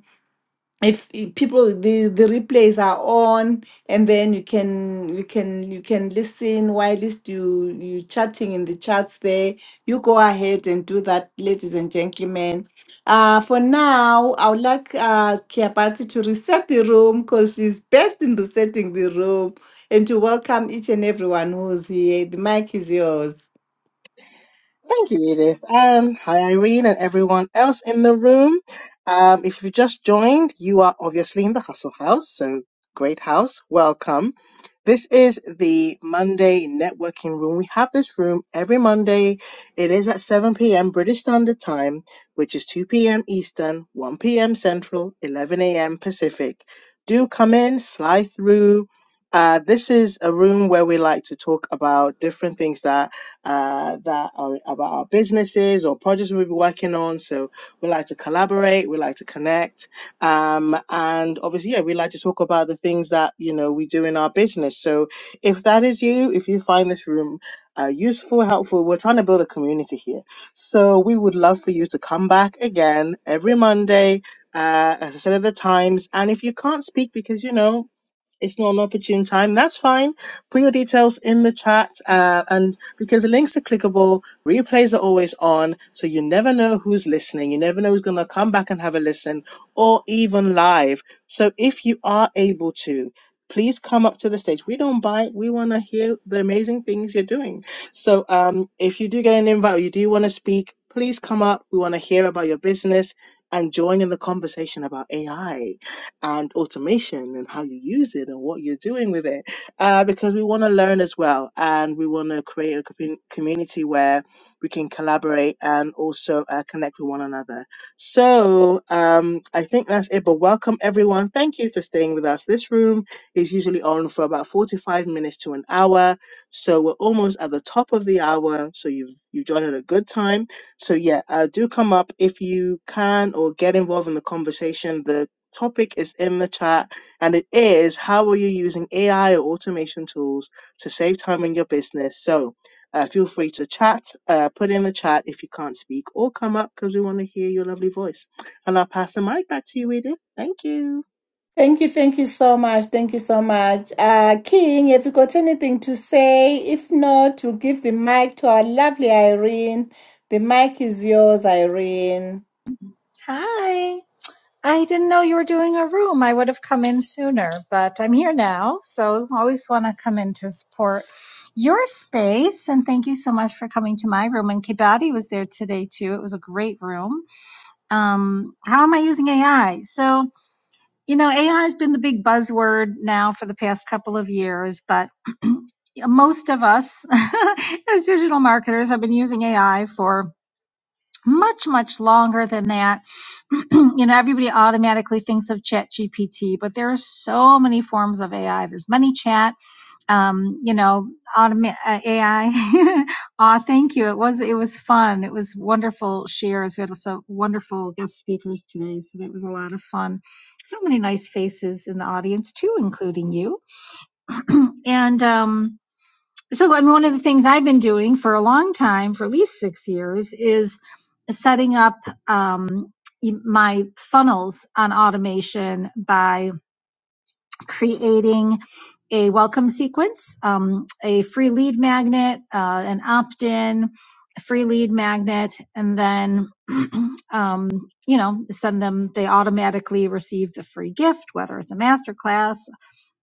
Speaker 2: if i- people the the replays are on and then you can you can you can listen while it's you you chatting in the chats there you go ahead and do that ladies and gentlemen uh for now i would like uh Kiapati to reset the room because she's best in resetting the room and to welcome each and everyone who's here the mic is yours
Speaker 3: Thank you, Edith. Um, hi, Irene, and everyone else in the room. Um, if you've just joined, you are obviously in the Hustle House, so great house. Welcome. This is the Monday networking room. We have this room every Monday. It is at 7 p.m. British Standard Time, which is 2 p.m. Eastern, 1 p.m. Central, 11 a.m. Pacific. Do come in, slide through. Uh, this is a room where we like to talk about different things that uh, that are about our businesses or projects we'll be working on. So we like to collaborate, we like to connect, um, and obviously, yeah, we like to talk about the things that you know we do in our business. So if that is you, if you find this room uh, useful, helpful, we're trying to build a community here. So we would love for you to come back again every Monday. Uh, as I said at the times, and if you can't speak because you know it's not an opportune time, that's fine. Put your details in the chat, uh, and because the links are clickable, replays are always on, so you never know who's listening. You never know who's going to come back and have a listen, or even live. So if you are able to, please come up to the stage. We don't bite. We want to hear the amazing things you're doing. So um, if you do get an invite, or you do want to speak, please come up. We want to hear about your business and join in the conversation about AI and automation and how you use it and what you're doing with it uh, because we want to learn as well and we want to create a commu- community where we can collaborate and also uh, connect with one another so um, i think that's it but welcome everyone thank you for staying with us this room is usually on for about 45 minutes to an hour so we're almost at the top of the hour so you've you joined at a good time so yeah, uh, do come up if you can or get involved in the conversation. The topic is in the chat, and it is how are you using AI or automation tools to save time in your business? So uh, feel free to chat, uh, put in the chat if you can't speak, or come up because we want to hear your lovely voice. And I'll pass the mic back to you, Edith. Thank you.
Speaker 2: Thank you, thank you so much, thank you so much. Uh, King, if you got anything to say, if not, we'll give the mic to our lovely Irene. The mic is yours, Irene.
Speaker 6: Hi. I didn't know you were doing a room. I would have come in sooner, but I'm here now. So always want to come in to support your space. And thank you so much for coming to my room. And Kibati was there today too. It was a great room. Um, how am I using AI? So, you know, AI has been the big buzzword now for the past couple of years, but most of us as digital marketers have been using AI for much, much longer than that you know, everybody automatically thinks of Chat GPT, but there are so many forms of AI. There's ManyChat, um, you know, automa- uh, AI. Ah, thank you. It was it was fun. It was wonderful shares. We had some wonderful guest speakers today, so that was a lot of fun. So many nice faces in the audience too, including you. and um, so I mean, one of the things I've been doing for a long time, for at least six years, is setting up um, y- my funnels on automation by creating a welcome sequence, um, a free lead magnet, uh, an opt-in, a free lead magnet, and then um, you know send them. They automatically receive the free gift, whether it's a masterclass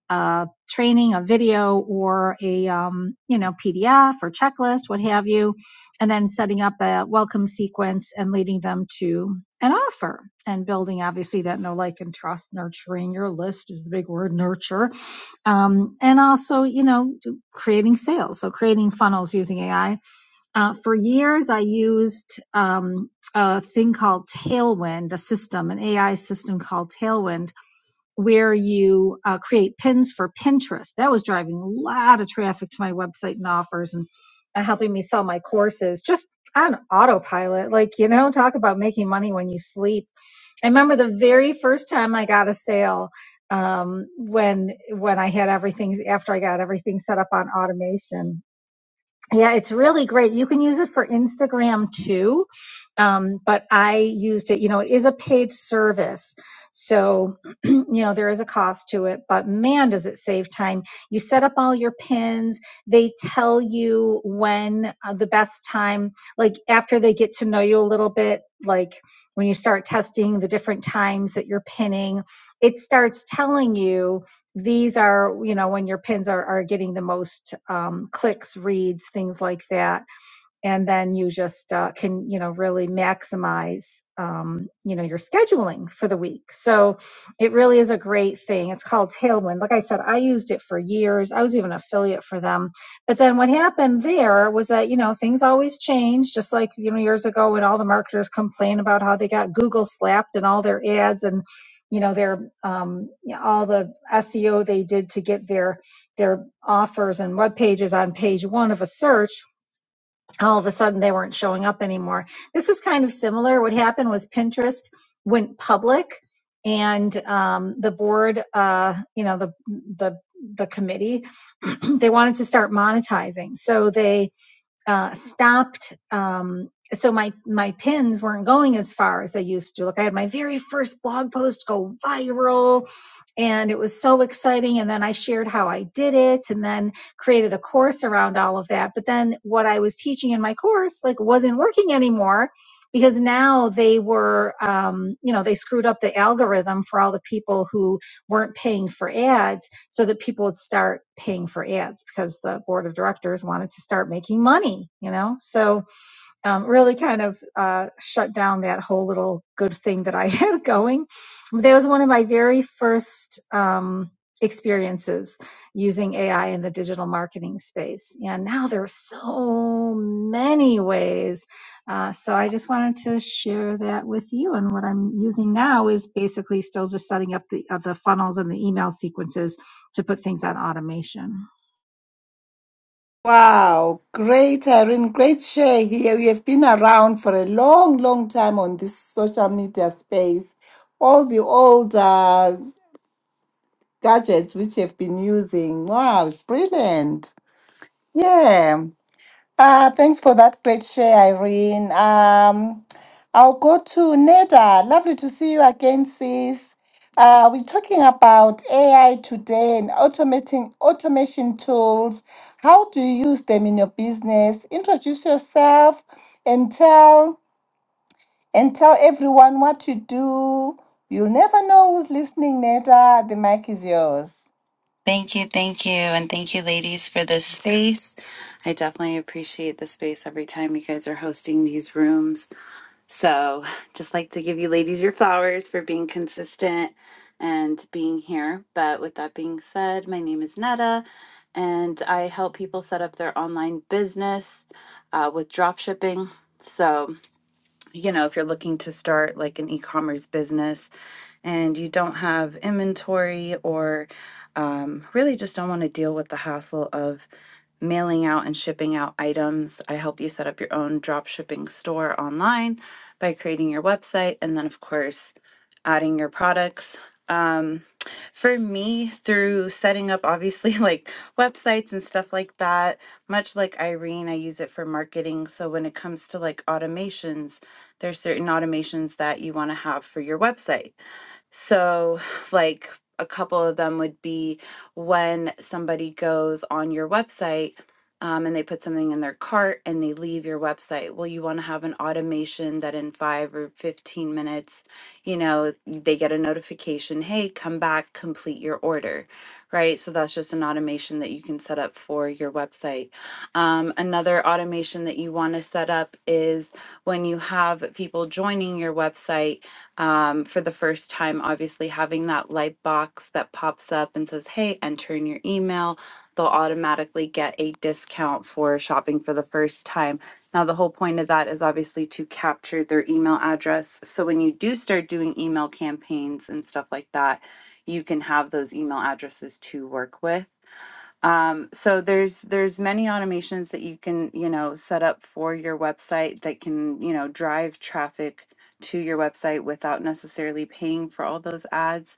Speaker 6: uh, training, a video, or a um, you know PDF or checklist, what have you, and then setting up a welcome sequence and leading them to an offer and building obviously that no like and trust nurturing your list is the big word nurture um, and also you know creating sales so creating funnels using ai uh, for years i used um, a thing called tailwind a system an ai system called tailwind where you uh, create pins for Pinterest. That was driving a lot of traffic to my website and offers and uh, helping me sell my courses just on autopilot. Like, you know, talk about making money when you sleep. I remember the very first time I got a sale um when when i had everything after i got everything set up on automation yeah, it's really great. You can use it for Instagram too. Um, but I used it, you know, it is a paid service. So, you know, there is a cost to it, but man, does it save time. You set up all your pins. They tell you when uh, the best time, like after they get to know you a little bit, like when you start testing the different times that you're pinning, it starts telling you these are, you know, when your pins are, are getting the most um, clicks, reads, things like that and then you just uh, can you know really maximize um, you know your scheduling for the week so it really is a great thing it's called tailwind like i said i used it for years i was even an affiliate for them but then what happened there was that you know things always change just like you know years ago when all the marketers complained about how they got google slapped and all their ads and you know their um, yeah, all the seo they did to get their their offers and web pages on page one of a search all of a sudden they weren't showing up anymore. This is kind of similar. What happened was Pinterest went public, and um, the board, uh, you know, the the the committee, they wanted to start monetizing. So they uh, stopped. Um, so my my pins weren't going as far as they used to. Like I had my very first blog post go viral, and it was so exciting. And then I shared how I did it, and then created a course around all of that. But then what I was teaching in my course like wasn't working anymore because now they were um, you know they screwed up the algorithm for all the people who weren't paying for ads so that people would start paying for ads because the board of directors wanted to start making money, you know? So um, really kind of uh, shut down that whole little good thing that I had going. That was one of my very first um, experiences using AI in the digital marketing space. And now there are so many ways. Uh, so I just wanted to share that with you. And what I'm using now is basically still just setting up the, uh, the funnels and the email sequences to put things on automation.
Speaker 2: Wow, great Irene, great share here. We have been around for a long, long time on this social media space. All the old gadgets which you've been using. Wow, brilliant. Yeah. Uh, thanks for that great share, Irene. Um, I'll go to Neda. Lovely to see you again, sis. Uh, we're talking about AI today and automating automation tools. How do you use them in your business? Introduce yourself and tell and tell everyone what you do. You'll never know who's listening, Neda. The mic is yours.
Speaker 7: Thank you, thank you, and thank you, ladies, for this space. I definitely appreciate the space every time you guys are hosting these rooms. So, just like to give you ladies your flowers for being consistent and being here. But with that being said, my name is Netta, and I help people set up their online business uh, with drop shipping. So, you know, if you're looking to start like an e commerce business, and you don't have inventory or um, really just don't want to deal with the hassle of mailing out and shipping out items, I help you set up your own drop shipping store online by creating your website and then, of course, adding your products. Um, for me, through setting up obviously like websites and stuff like that, much like Irene, I use it for marketing. So when it comes to like automations, there's certain automations that you want to have for your website so, like a couple of them would be when somebody goes on your website um, and they put something in their cart and they leave your website. Well, you want to have an automation that in five or 15 minutes, you know, they get a notification hey, come back, complete your order, right? So, that's just an automation that you can set up for your website. Um, another automation that you want to set up is when you have people joining your website um, for the first time, obviously having that light box that pops up and says, hey, enter in your email, they'll automatically get a discount for shopping for the first time. Now, the whole point of that is obviously to capture their email address. So when you do start doing email campaigns and stuff like that, you can have those email addresses to work with um, so there's there's many automations that you can you know set up for your website that can you know drive traffic to your website without necessarily paying for all those ads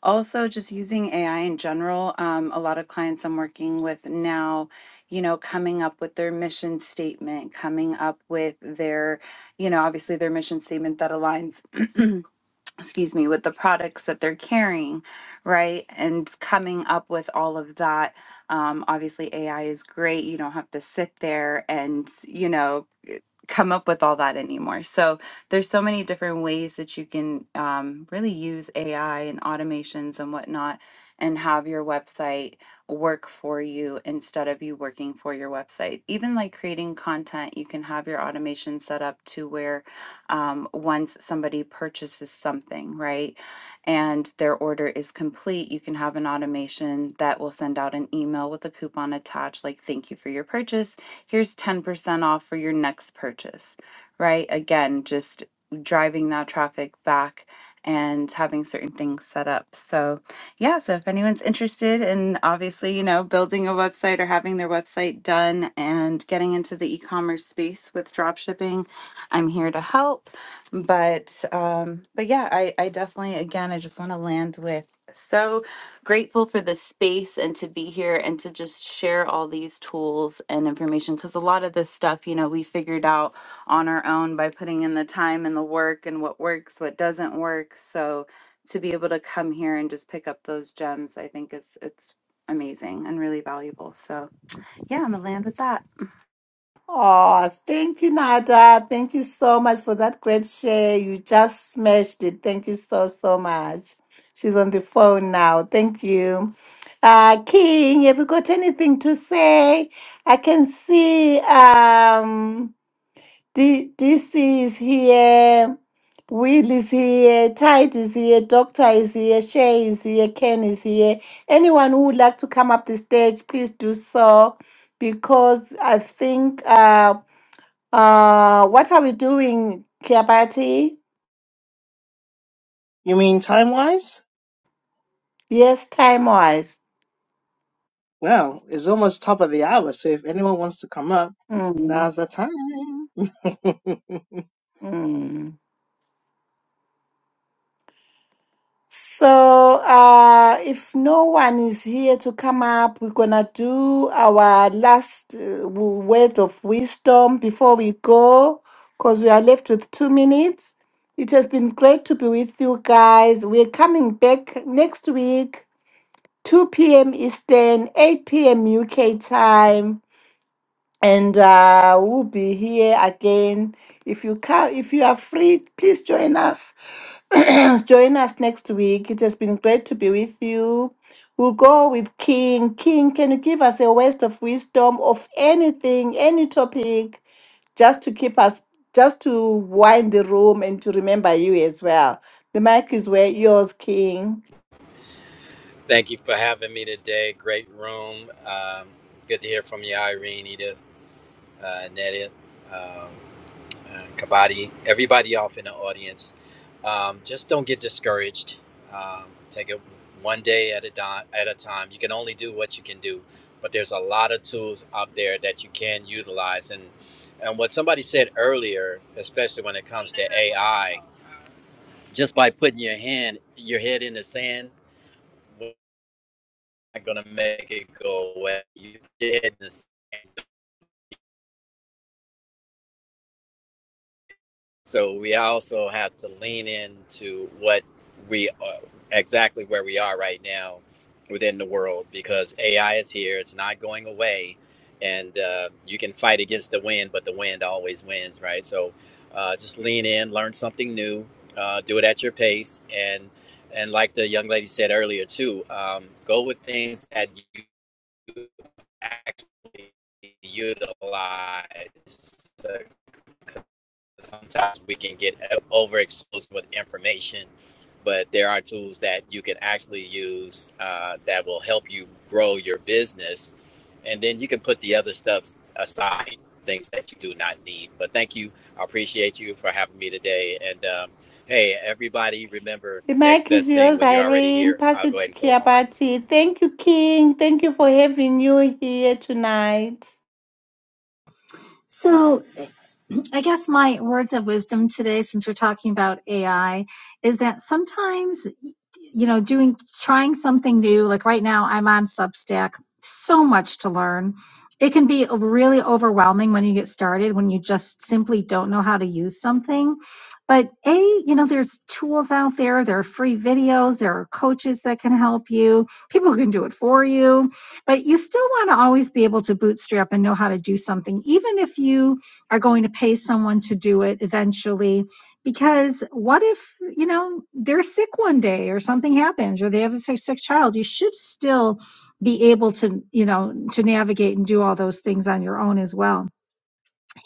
Speaker 7: also just using ai in general um, a lot of clients i'm working with now you know coming up with their mission statement coming up with their you know obviously their mission statement that aligns excuse me, with the products that they're carrying, right? And coming up with all of that. Um, obviously, AI is great. You don't have to sit there and, you know, come up with all that anymore. So there's so many different ways that you can um, really use AI and automations and whatnot, and have your website work for you instead of you working for your website. Even like creating content, you can have your automation set up to where um, once somebody purchases something, right, and their order is complete, you can have an automation that will send out an email with a coupon attached, like "Thank you for your purchase." here's 10% off for your next purchase, right? Again, just driving that traffic back and having certain things set up. So, yeah, so if anyone's interested in obviously, you know, building a website or having their website done and getting into the e-commerce space with dropshipping, I'm here to help. But um but yeah, I I definitely again I just want to land with so grateful for the space and to be here and to just share all these tools and information because a lot of this stuff you know we figured out on our own by putting in the time and the work and what works what doesn't work so to be able to come here and just pick up those gems i think is it's amazing and really valuable so yeah i'm gonna land with that
Speaker 2: Oh, thank you, Nada. Thank you so much for that great share. You just smashed it. Thank you so, so much. She's on the phone now. Thank you. Uh, King, have you got anything to say? I can see um, D- DC is here, Will is here, Tide is here, Doctor is here, Shay is here, Ken is here. Anyone who would like to come up the stage, please do so because I think. Uh, uh, what are we doing, Kiabati?
Speaker 3: You mean time wise?
Speaker 2: Yes, time wise.
Speaker 3: Well, it's almost top of the hour, so if anyone wants to come up,
Speaker 2: Mm,
Speaker 3: now's the time.
Speaker 2: mm. So, uh, if no one is here to come up, we're gonna do our last uh, w- word of wisdom before we go, because we are left with two minutes. It has been great to be with you guys. We're coming back next week, 2 p.m. Eastern, 8 p.m. UK time and uh, we'll be here again. If you can, if you are free, please join us. join us next week. It has been great to be with you. We'll go with King. King, can you give us a waste of wisdom of anything, any topic, just to keep us, just to wind the room and to remember you as well. The mic is where yours, King.
Speaker 5: Thank you for having me today. Great room. Um, good to hear from you, Irene, Eda, uh, Nedia. Um, and Kabadi, everybody off in the audience. Um, just don't get discouraged. Um, take it one day at a di- at a time. You can only do what you can do, but there's a lot of tools out there that you can utilize. And and what somebody said earlier, especially when it comes to AI, just by putting your hand, your head in the sand, we're not gonna make it go away. You your in the sand So we also have to lean into what we are, exactly where we are right now within the world because AI is here. It's not going away, and uh, you can fight against the wind, but the wind always wins, right? So uh, just lean in, learn something new, uh, do it at your pace, and and like the young lady said earlier too, um, go with things that you actually utilize Uh, sometimes we can get overexposed with information, but there are tools that you can actually use uh, that will help you grow your business. And then you can put the other stuff aside, things that you do not need. But thank you. I appreciate you for having me today. And um, hey, everybody, remember
Speaker 2: The
Speaker 5: next
Speaker 2: mic is
Speaker 5: best thing
Speaker 2: yours,
Speaker 5: when you're already
Speaker 2: Irene.
Speaker 5: here.
Speaker 2: Pass
Speaker 5: I'll
Speaker 2: it
Speaker 5: go ahead
Speaker 2: to
Speaker 5: and close my mic.
Speaker 2: Kiabati. Thank you, King. Thank you for having you here tonight.
Speaker 6: So I guess my words of wisdom today, since we're talking about AI, is that sometimes, you know, doing, trying something new, like right now, I'm on Substack, so much to learn. It can be really overwhelming when you get started, when you just simply don't know how to use something. But A, you know, there's tools out there, there are free videos, there are coaches that can help you, people who can do it for you. But you still want to always be able to bootstrap and know how to do something, even if you are going to pay someone to do it eventually because what if you know they're sick one day or something happens or they have a sick, sick child you should still be able to you know to navigate and do all those things on your own as well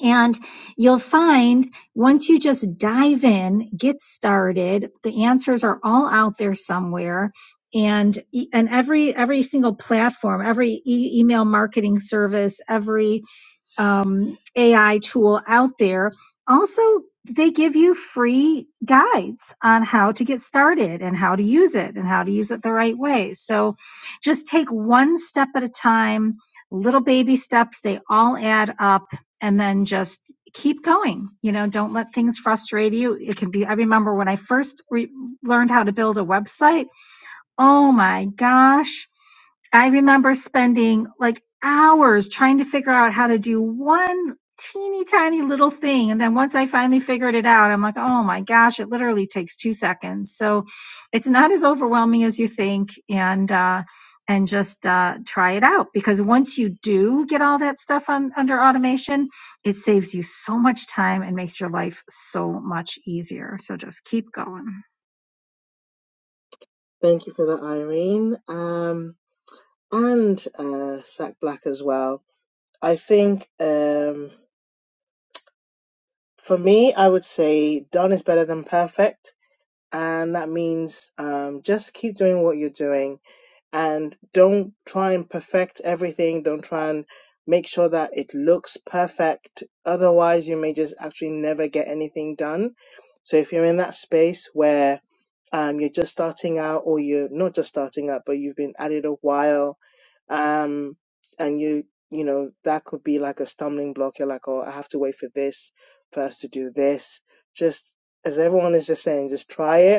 Speaker 6: and you'll find once you just dive in get started the answers are all out there somewhere and e- and every every single platform every e- email marketing service every um, AI tool out there. Also, they give you free guides on how to get started and how to use it and how to use it the right way. So just take one step at a time, little baby steps, they all add up, and then just keep going. You know, don't let things frustrate you. It can be, I remember when I first re- learned how to build a website, oh my gosh I remember spending like hours trying to figure out how to do one teeny tiny little thing. And then once I finally figured it out, I'm like, oh my gosh, it literally takes two seconds. So it's not as overwhelming as you think. And, uh, and just uh, try it out because once you do get all that stuff on under automation, it saves you so much time and makes your life so much easier. So just keep going.
Speaker 3: Thank you for that, Irene. Um, and uh, Sack Black as well. I think. Um, For me, I would say done is better than perfect. And that means um, just keep doing what you're doing and don't try and perfect everything. Don't try and make sure that it looks perfect. Otherwise, you may just actually never get anything done. So if you're in that space where um, you're just starting out or you're not just starting out, but you've been at it a while, um, and you you know that could be like a stumbling block. You're like, oh, I have to wait for this first to do this. Just as everyone is just saying, just try it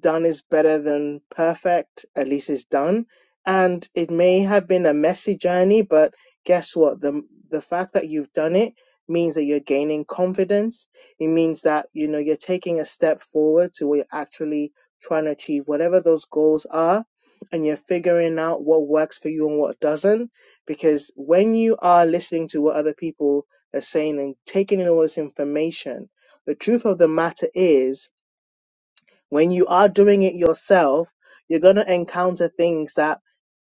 Speaker 3: done is better than perfect, at least it's done. And it may have been a messy journey, but guess what? The the fact that you've done it means that you're gaining confidence. It means that you know you're taking a step forward to what you're actually trying to achieve, whatever those goals are, and you're figuring out what works for you and what doesn't. Because when you are listening to what other people are saying and taking in all this information, the truth of the matter is when you are doing it yourself, you're going to encounter things that,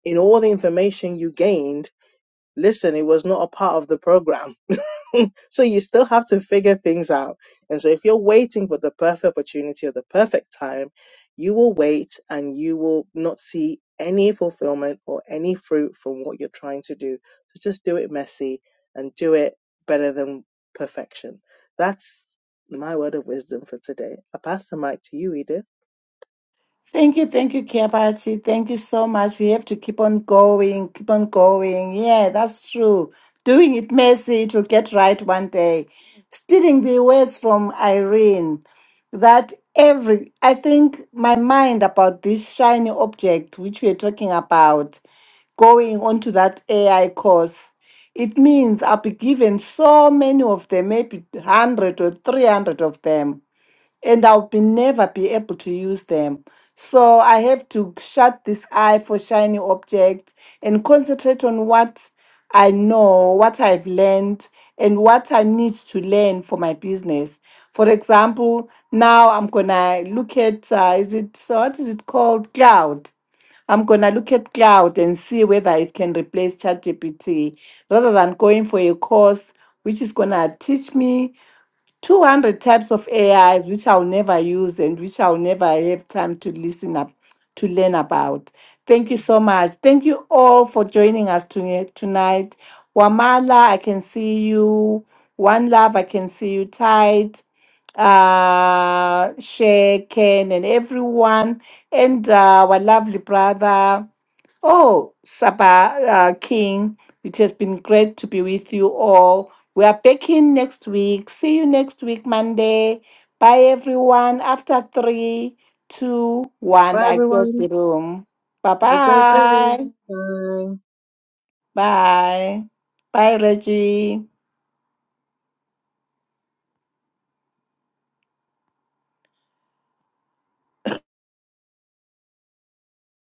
Speaker 3: in all the information you gained, listen, it was not a part of the program. So you still have to figure things out. And so, if you're waiting for the perfect opportunity or the perfect time, you will wait and you will not see any fulfillment or any fruit from what you're trying to do. So just do it messy and do it better than perfection. That's my word of wisdom for today. I pass the mic to you, Edith.
Speaker 2: Thank you, thank you, Kiabati. Thank you so much. We have to keep on going, keep on going. Yeah, that's true. Doing it messy, it will get right one day. Stealing the words from Irene that every, I think my mind about this shiny object which we're talking about. going onto that AI course, it means I'll be given so many of them, maybe 100 or 300 of them and I'll be never be able to use them. So I have to shut this eye for shiny objects and concentrate on what I know, what I've learned, and what I need to learn for my business. For example, now I'm gonna look at uh, is it so what is it called cloud? I'm gonna look at cloud and see whether it can replace ChatGPT rather than going for a course which is gonna teach me 200 types of AIs which I'll never use and which I'll never have time to listen up to learn about. Thank you so much. Thank you all for joining us toni- tonight. Wamala, I can see you. One Love, I can see you tight. Uh, Shay, Ken, and everyone, and uh, our lovely brother. Oh, Saba uh, King, it has been great to be with you all. We are back in next week. See you next week, Monday. Bye, everyone. After three, two, one,
Speaker 3: Bye,
Speaker 2: I close
Speaker 3: everyone.
Speaker 2: the room.
Speaker 3: Have a great day.
Speaker 2: Bye-bye.
Speaker 3: Bye.
Speaker 2: Bye. Bye, Reggie.